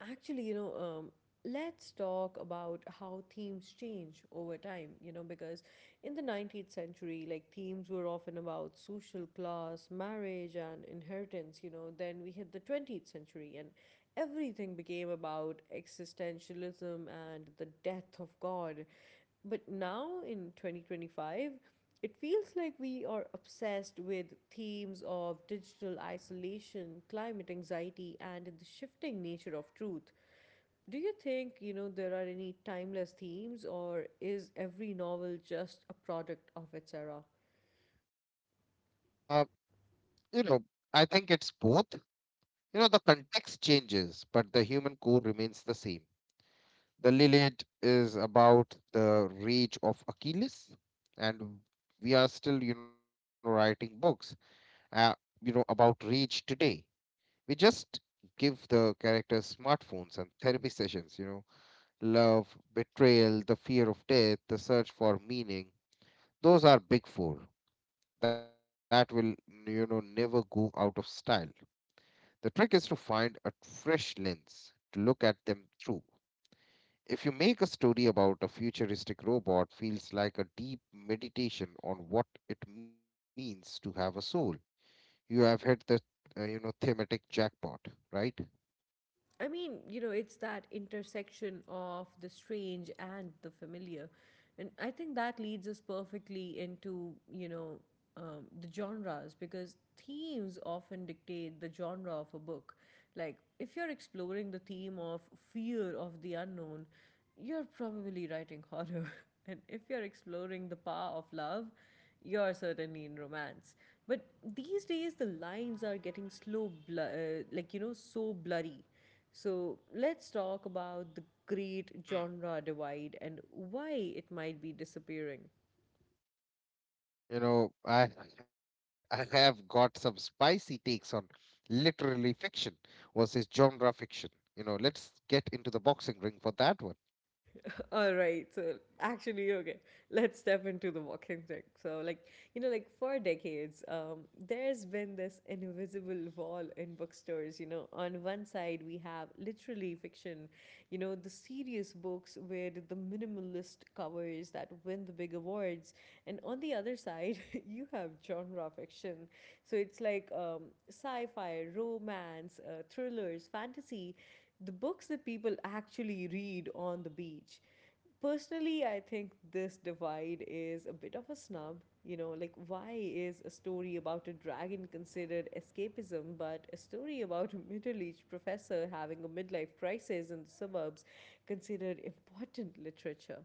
Speaker 1: actually, let's talk about how themes change over time. You know, because in the 19th century, like themes were often about social class, marriage, and inheritance. You know, then we hit the 20th century, and everything became about existentialism and the death of God. But now in 2025, it feels like we are obsessed with themes of digital isolation, climate anxiety, and the shifting nature of truth. Do you think, you know, there are any timeless themes, or is every novel just a product of its era?
Speaker 2: Uh, you know, I think it's both. You know, the context changes, but the human core remains the same. The Lilith is about the rage of Achilles, and we are still, you know, writing books. uh, you know, about reach today, we just give the characters smartphones and therapy sessions, you know. Love, betrayal, the fear of death, the search for meaning, those are big four that will, you know, never go out of style. The trick is to find a fresh lens to look at them through. If you make a story about a futuristic robot feels like a deep meditation on what it means to have a soul, you have hit the you know, thematic jackpot, right?
Speaker 1: I mean, you know, it's that intersection of the strange and the familiar. And I think that leads us perfectly into, the genres because themes often dictate the genre of a book. Like, if you're exploring the theme of fear of the unknown, you're probably writing horror. And if you're exploring the power of love, you're certainly in romance. But these days, the lines are getting like, you know, so blurry. So let's talk about the great genre
Speaker 2: Mm.
Speaker 1: divide and why it might be disappearing.
Speaker 2: You know, I I have got some spicy takes on literary fiction versus genre fiction. You know, let's get into the boxing ring for that one
Speaker 1: All right, so actually, okay, let's step into the walking thing. So, like, you know, like for decades, there's been this invisible wall in bookstores. You know, on one side, we have literally fiction, you know, the serious books with the minimalist covers that win the big awards. And on the other side, you have genre fiction. So, it's like sci fi, romance, thrillers, fantasy, the books that people actually read on the beach. Personally, I think this divide is a bit of a snub. You know, like, why is a story about a dragon considered escapism, but a story about a middle aged professor having a midlife crisis in the suburbs considered important literature?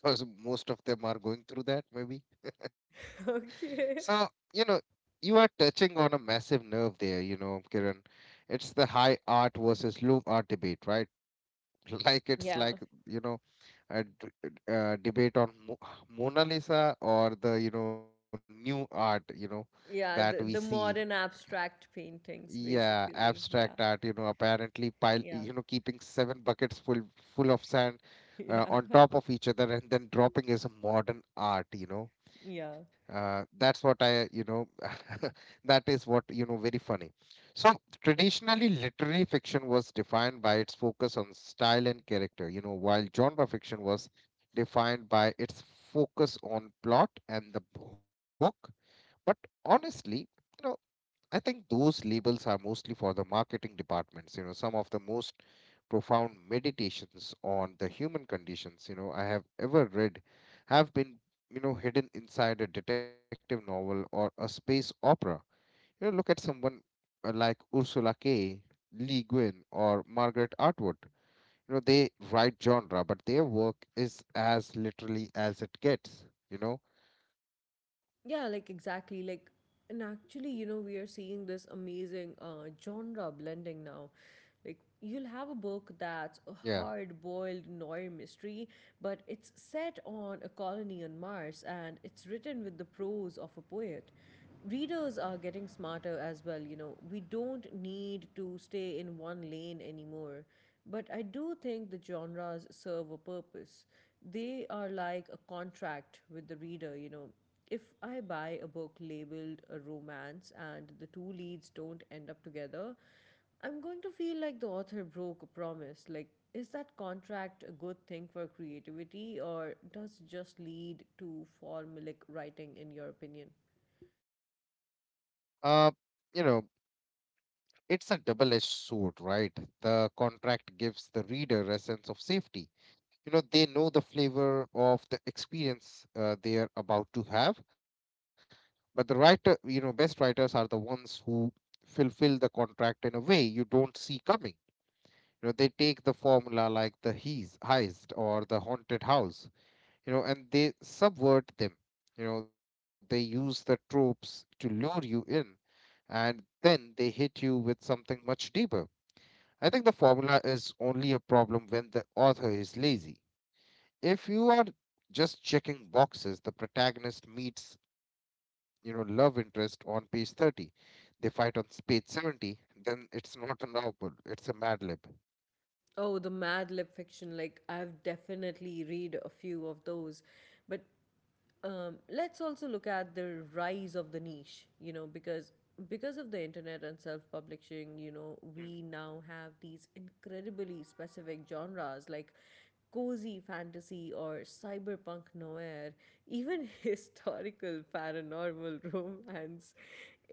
Speaker 2: because most of them are going through that maybe. So,
Speaker 1: Okay.
Speaker 2: you know, you are touching on a massive nerve there, you know, Kiran. It's the high art versus low art debate, right? Like it's
Speaker 1: Yeah.
Speaker 2: like, you know, a debate on Mo Mona Lisa or the, you know, new art, you know, that we
Speaker 1: Yeah.
Speaker 2: see.
Speaker 1: The modern abstract paintings,
Speaker 2: Yeah,
Speaker 1: basically.
Speaker 2: abstract
Speaker 1: Yeah.
Speaker 2: art, you know, apparently pile, you know,
Speaker 1: Yeah.
Speaker 2: keeping seven buckets full of sand
Speaker 1: Yeah.
Speaker 2: on top of each other and then dropping is a modern art, you know,
Speaker 1: Yeah.
Speaker 2: that's what I, you know, that is what, you know, very funny. So traditionally literary fiction was defined by its focus on style and character, you know, while genre fiction was defined by its focus on plot and the hook. But honestly, you know, I think those labels are mostly for the marketing departments. You know, some of the most profound meditations on the human conditions, you know, I have ever read have been, you know, hidden inside a detective novel or a space opera. You know, look at someone like Ursula K. Le Guin or Margaret Atwood. You know, they write genre, but their work is as literally as it gets, you know?
Speaker 1: Yeah, like exactly. Like, and actually, you know, we are seeing this amazing genre blending now. Like, you'll have a book that's a
Speaker 2: Yeah.
Speaker 1: hard boiled noir mystery, but it's set on a colony on Mars and it's written with the prose of a poet. Readers are getting smarter as well, you know. We don't need to stay in one lane anymore. But I do think the genres serve a purpose. They are like a contract with the reader, you know, if I buy a book labeled a romance and the two leads don't end up together, I'm going to feel like the author broke a promise. Like, is that contract a good thing for creativity or does it just lead to formulaic writing, in your opinion?
Speaker 2: Uh, you know, it's a double edged sword, right? The contract gives the reader a sense of safety. You know, they know the flavor of the experience they are about to have, but the writer, you know, best writers are the ones who fulfill the contract in a way you don't see coming. You know, they take the formula like the heist or the haunted house, you know, and they subvert them. You know, they use the tropes to lure you in, and then they hit you with something much deeper. I think the formula is only a problem when the author is lazy. If you are just checking boxes, the protagonist meets, you know, love interest on page 30. They fight on page 70, then it's not a novel, it's a mad lib.
Speaker 1: Oh, the Mad Lib fiction. Like, I've definitely read a few of those, but let's also look at the rise of the niche, you know, because of the internet and self-publishing, you know,
Speaker 2: Hmm.
Speaker 1: we now have these incredibly specific genres like cozy fantasy or cyberpunk noir, even historical paranormal romance.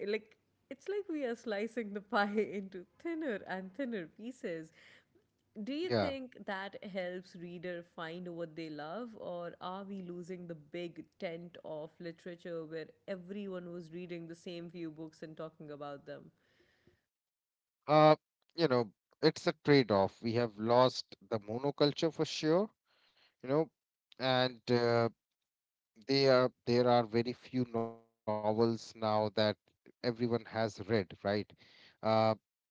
Speaker 1: Like, it's like we are slicing the pie into thinner and thinner pieces. Do you
Speaker 2: Yeah.
Speaker 1: think that helps reader find what they love, or are we losing the big tent of literature where everyone was reading the same few books and talking about them?
Speaker 2: Uh, you know, it's a trade-off. We have lost the monoculture for sure, you know, and they are there are very few novels now that everyone has read, right? Uh,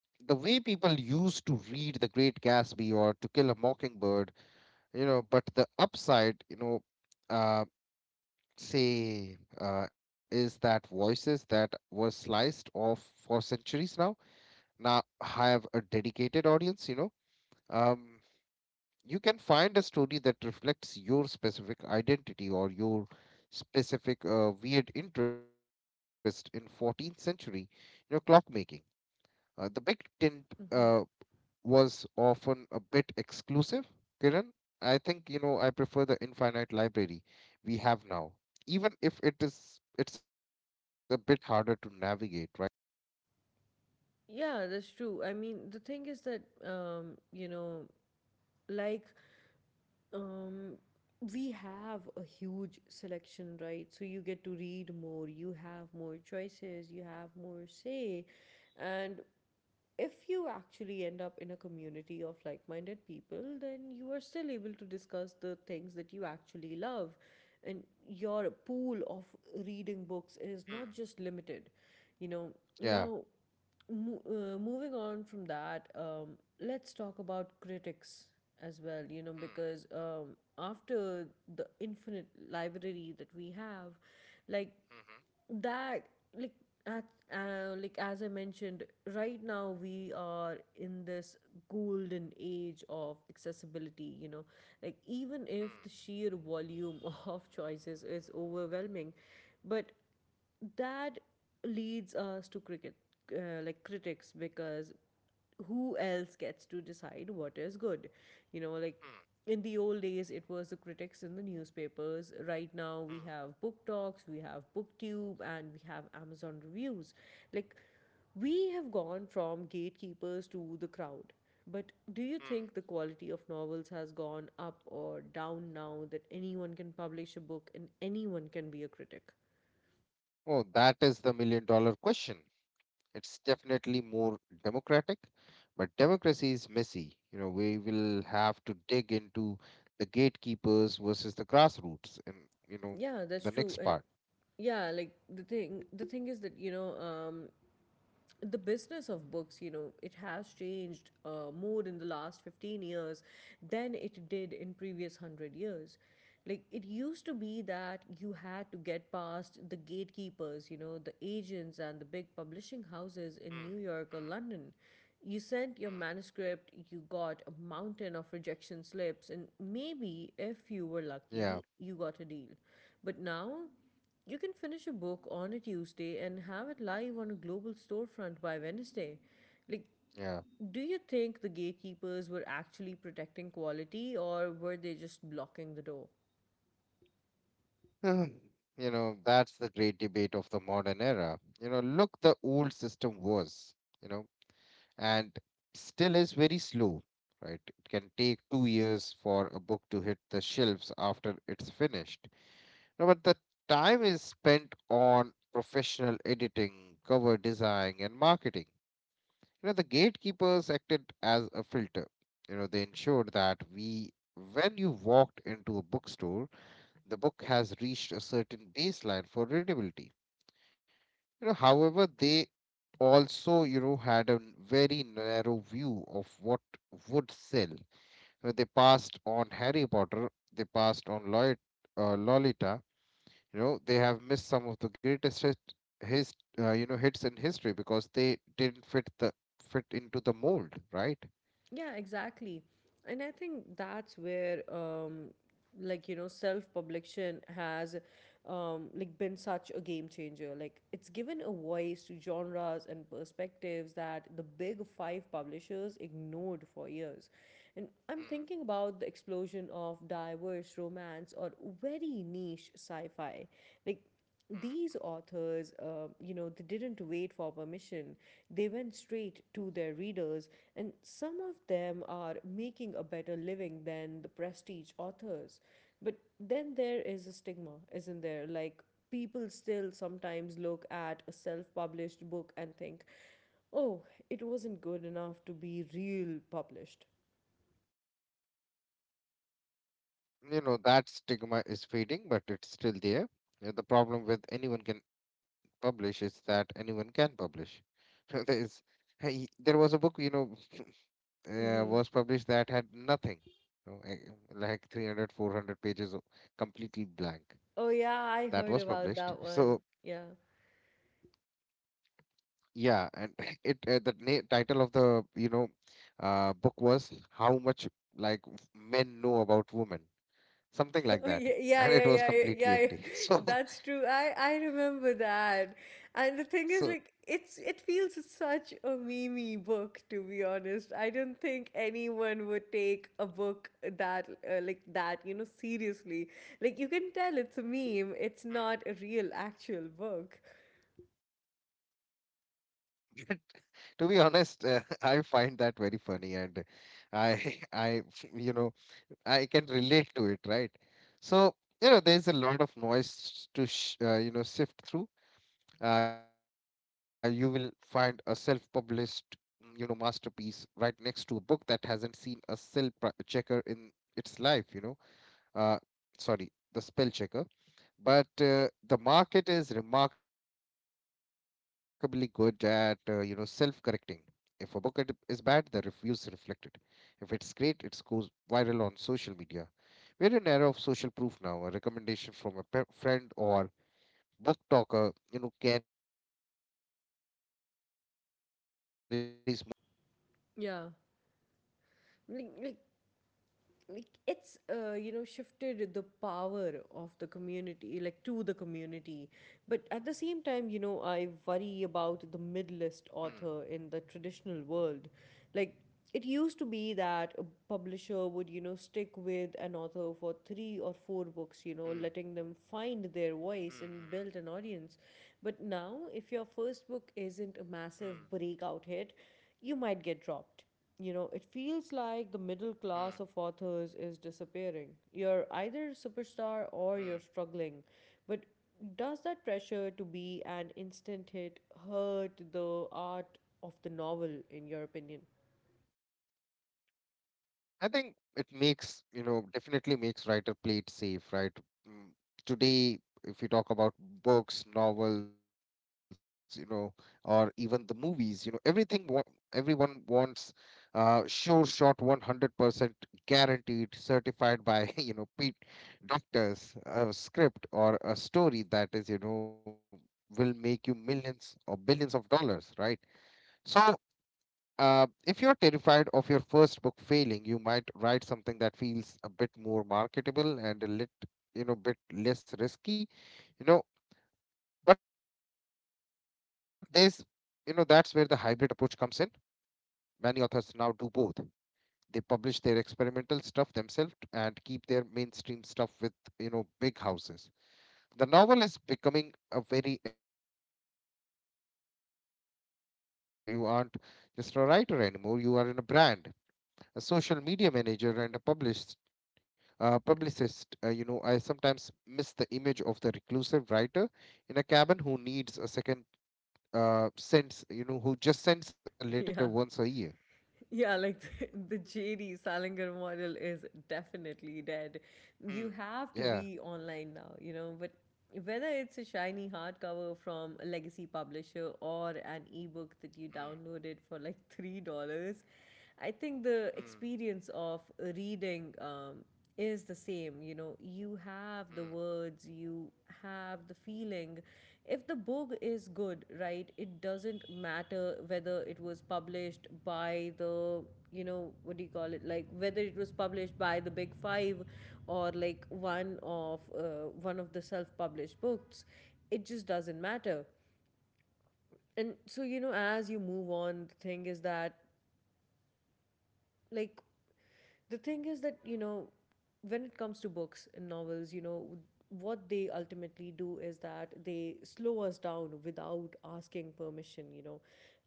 Speaker 2: the way people used to read The Great Gatsby or To Kill a Mockingbird, you know, but the upside, you know, uh, is that voices that were sliced off for centuries now have a dedicated audience. You know, um, you can find a story that reflects your specific identity or your specific weird interest in 14th century, you know, clockmaking. The big tent
Speaker 1: Hmm.
Speaker 2: uh, was often a bit exclusive. Kiran, I think, you know, I prefer the infinite library we have now, even if it's a bit harder to navigate, right?
Speaker 1: Yeah, that's true. I mean, the thing is that, you know, like, um, we have a huge selection, right? So you get to read more, you have more choices, you have more say. And if you actually end up in a community of like minded people, then you are still able to discuss the things that you actually love. And your pool of reading books is not just
Speaker 2: Mm.
Speaker 1: limited. You know, now
Speaker 2: Yeah.
Speaker 1: Moving on from that, let's talk about critics as well, you know, because
Speaker 2: Mm,
Speaker 1: after the infinite library that we have, like
Speaker 2: mhm,
Speaker 1: that, like, at, like as I mentioned, right now we are in this golden age of accessibility. You know, like even if the
Speaker 2: mm,
Speaker 1: sheer volume of choices is overwhelming, but that leads us to like critics, because who else gets to decide what is good? You know, like
Speaker 2: mm,
Speaker 1: in the old days, it was the critics in the newspapers. Right now, we
Speaker 2: mm,
Speaker 1: have book talks, we have booktube, and we have Amazon reviews. Like, we have gone from gatekeepers to the crowd. But do you
Speaker 2: mm.
Speaker 1: think the quality of novels has gone up or down now that anyone can publish a book and anyone can be a critic?
Speaker 2: Oh, that is the million-dollar question. It's definitely more democratic, but democracy is messy. You know, we will have to dig into the gatekeepers versus the grassroots and, you know,
Speaker 1: Yeah, that's
Speaker 2: the
Speaker 1: true.
Speaker 2: next
Speaker 1: And
Speaker 2: part.
Speaker 1: yeah, like the thing is that, you know, the business of books, you know, it has changed more in the last 15 years than it did in previous 100 years. Like it used to be that you had to get past the gatekeepers, you know, the agents and the big publishing houses
Speaker 2: Mm.
Speaker 1: in New York or London. You sent
Speaker 2: Mm.
Speaker 1: your manuscript, you got a mountain of rejection slips, and maybe if you were lucky,
Speaker 2: Yeah,
Speaker 1: you got a deal. But now, you can finish a book on a Tuesday and have it live on a global storefront by Wednesday. Like,
Speaker 2: yeah.
Speaker 1: do you think the gatekeepers were actually protecting quality or were they just blocking the door?
Speaker 2: Mm. You know, that's the great debate of the modern era. You know, look, the old system was, you know, and still is very slow, right? It can take 2 years for a book to hit the shelves after it's finished. No, but the time is spent on professional editing, cover design, and marketing. You know, the gatekeepers acted as a filter. You know, they ensured that when you walked into a bookstore, the book has reached a certain baseline for readability. You know, however, they also, you know, had a very narrow view of what would sell. You know, they passed on Harry Potter, they passed on Lolita. You know, they have missed some of the greatest his, you know, hits in history because they didn't fit the fit into the mold, right?
Speaker 1: Yeah, exactly. And I think that's where like you know self-publication has like been such a game changer. Like it's given a voice to genres and perspectives that the big 5 publishers ignored for years. And I'm thinking about the explosion of diverse romance or very niche sci-fi. Like, these authors, you know, they didn't wait for permission. They went straight to their readers, and some of them are making a better living than the prestige authors. But then there is a stigma, isn't there? Like, people still sometimes look at a self published book and think, oh, it wasn't good enough to be real published.
Speaker 2: You know, that stigma is fading but it's still there. The problem with anyone can publish is that anyone can publish. There is, hey, there was a book, you know,
Speaker 1: Mm-hmm.
Speaker 2: was published that had nothing, you know, like 300, 400 pages completely blank,
Speaker 1: Oh, yeah, I
Speaker 2: that
Speaker 1: heard
Speaker 2: was
Speaker 1: about
Speaker 2: published.
Speaker 1: that one.
Speaker 2: So
Speaker 1: Yeah.
Speaker 2: yeah, and it, uh, title of the, you know, book was how much like men know about women, something like
Speaker 1: Oh,
Speaker 2: that.
Speaker 1: yeah,
Speaker 2: And
Speaker 1: yeah,
Speaker 2: it
Speaker 1: yeah,
Speaker 2: was
Speaker 1: yeah,
Speaker 2: completely
Speaker 1: yeah. Yeah.
Speaker 2: empty. So,
Speaker 1: That's true. I remember that.
Speaker 2: So,
Speaker 1: And the thing is, like, it feels such a meme book to be honest. I don't think anyone would take a book that like that, you know, seriously. Like, you can tell it's a meme. It's not a real actual book.
Speaker 2: to be honest, I find that very funny, and I, I, you know, I can relate to it, right? So, you know, there's a lot of noise to, you know, sift through. You will find a self-published, mm, you know, masterpiece right next to a book that hasn't seen a checker in its life. You know, uh, sorry, the spell checker. But the market is remarkably good at you know, self-correcting. If a book is bad, the reviews reflect it. If it's great, it goes viral on social media. We're in an era of social proof now. A recommendation from a friend or book talker, you know, carries more weight than a review in a major newspaper.
Speaker 1: Yeah. Like, like like, it's you know, shifted the power of the community, like, to the community, but at the same time, you
Speaker 2: Hmm.
Speaker 1: know, I worry about the mid-list author in the traditional world. Like, it used to be that a publisher would, you know, stick with an author for 3 or 4
Speaker 2: Hmm.
Speaker 1: books, you know, letting them find their voice
Speaker 2: Hmm,
Speaker 1: and build an audience. But now if your
Speaker 2: hmm,
Speaker 1: first book isn't a massive breakout hit, you might get dropped. You know, it feels like the
Speaker 2: hmm,
Speaker 1: middle class of authors is disappearing. You're either a superstar
Speaker 2: hmm.
Speaker 1: or you're struggling. But does that pressure to be an instant hit hurt the art of the novel, in your opinion?
Speaker 2: I think it makes, you know, definitely makes writer play it safe, right? Mm. Today, if we talk about books, novels, you know, or even the movies, you know, everyone wants sure shot 100% guaranteed, certified by, you know, Pete doctors, a script or a story that is, you know, will make you millions or billions of dollars, right? So if you're terrified of your first book failing, you might write something that feels a bit more marketable and a bit less risky. You know, but there's, that's where the hybrid approach comes in. Many authors now do both. They publish their experimental stuff themselves and keep their mainstream stuff with, you know, big houses. The novel is becoming a very you know, entrepreneurial pursuit. You know, you aren't just a writer anymore. You are in a brand. A social media manager and a published publicist, you know, I sometimes miss the image of the reclusive writer in a cabin who needs a second sends you know, who just sends a letter once
Speaker 1: Yeah.
Speaker 2: a year.
Speaker 1: Yeah, like JD Salinger model is definitely dead.
Speaker 2: Hmm.
Speaker 1: You have to
Speaker 2: Yeah.
Speaker 1: be online now, you know, but whether it's a shiny hardcover from a legacy publisher or an ebook that you
Speaker 2: Hmm.
Speaker 1: downloaded for like $3, I think the
Speaker 2: Hmm.
Speaker 1: experience of reading is the same. You know, you have the words, you have the feeling. If the book is good, right, it doesn't matter whether it was published by the, you know, what do you call it, like, whether it was published by the big 5 or like one of the self published books. It just doesn't matter. And so, you know, as you move on, the thing is that, like you know, when it comes to books and novels, you know, what they ultimately do is that they slow us down without asking permission. You know,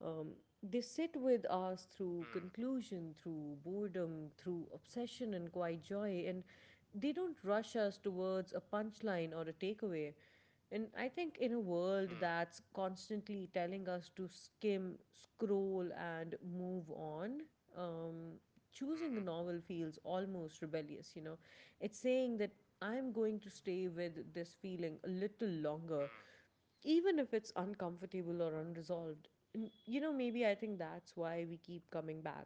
Speaker 1: um, they sit with
Speaker 2: Hmm.
Speaker 1: us through conclusion, through boredom, through obsession and quiet joy, and they don't rush us towards a punchline or a takeaway. And I think in a
Speaker 2: Hmm. Hmm.
Speaker 1: world that's constantly telling us to skim, scroll, and move on, um, choosing a
Speaker 2: Mhm.
Speaker 1: novel feels almost rebellious, you know. It's saying that I'm going to stay with this feeling a little longer, even if it's uncomfortable or unresolved. And, you know, maybe I think that's why we keep coming back,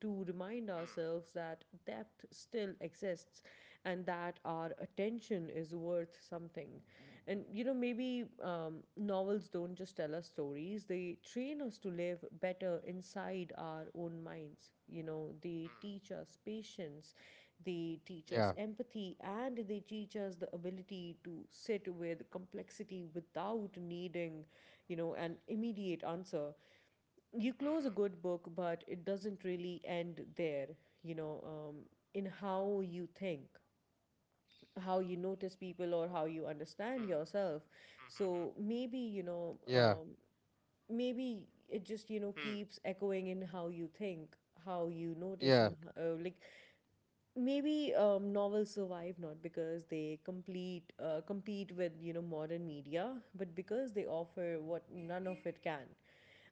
Speaker 1: to remind
Speaker 2: Hmm.
Speaker 1: ourselves
Speaker 2: Hmm.
Speaker 1: that depth still exists and that our attention is worth something. And you know, maybe novels don't just tell us stories, they train us to live better inside our own minds. You know, they teach us
Speaker 2: Hmm.
Speaker 1: patience, they teach us empathy,
Speaker 2: Yeah.
Speaker 1: and they teach us the ability to sit with complexity without needing, you know, an immediate answer. You close a good book,
Speaker 2: Mhm.
Speaker 1: but it doesn't really end there, you know. In how you think, how you notice people, or how you understand yourself.
Speaker 2: Hmm.
Speaker 1: So maybe, you
Speaker 2: Mhm.
Speaker 1: know,
Speaker 2: Yeah.
Speaker 1: maybe it just, you know, keeps
Speaker 2: Hmm.
Speaker 1: echoing in how you think, how you notice, and
Speaker 2: Yeah.
Speaker 1: like, maybe novels survive not because they complete compete with, you know, modern media, but because they offer what none of it can: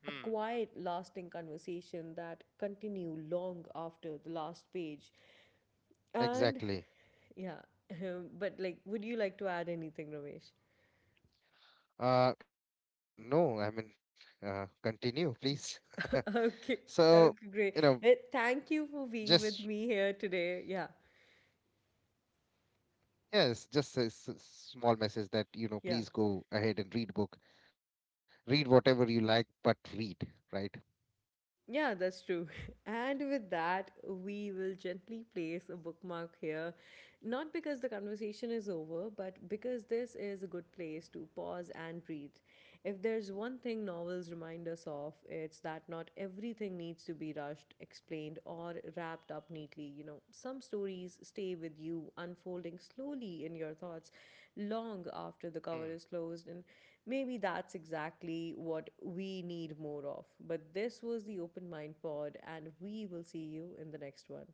Speaker 1: a quiet
Speaker 2: Hmm.
Speaker 1: lasting conversation that continue long after the last page. And
Speaker 2: Exactly.
Speaker 1: yeah, but like, would you like to add anything, Ramesh?
Speaker 2: No, I mean, continue, please.
Speaker 1: Okay,
Speaker 2: So,
Speaker 1: okay,
Speaker 2: you
Speaker 1: great.
Speaker 2: know,
Speaker 1: Well, thank you for being with
Speaker 2: just
Speaker 1: me here today. Yeah,
Speaker 2: yes, just a small message that,
Speaker 1: yeah.
Speaker 2: you know, please go ahead and read book. Read whatever you like, but read, right?
Speaker 1: Yeah, that's true. And with that, we will gently place a bookmark here. Not because the conversation is over, but because this is a good place to pause and breathe. If there's one thing novels remind us of, it's that not everything needs to be rushed, explained, or wrapped up neatly. You know, some stories stay with you, unfolding slowly in your thoughts long after the cover is closed. And maybe that's exactly what we need more of. But this was the Open Mind Pod, and we will see you in the next one.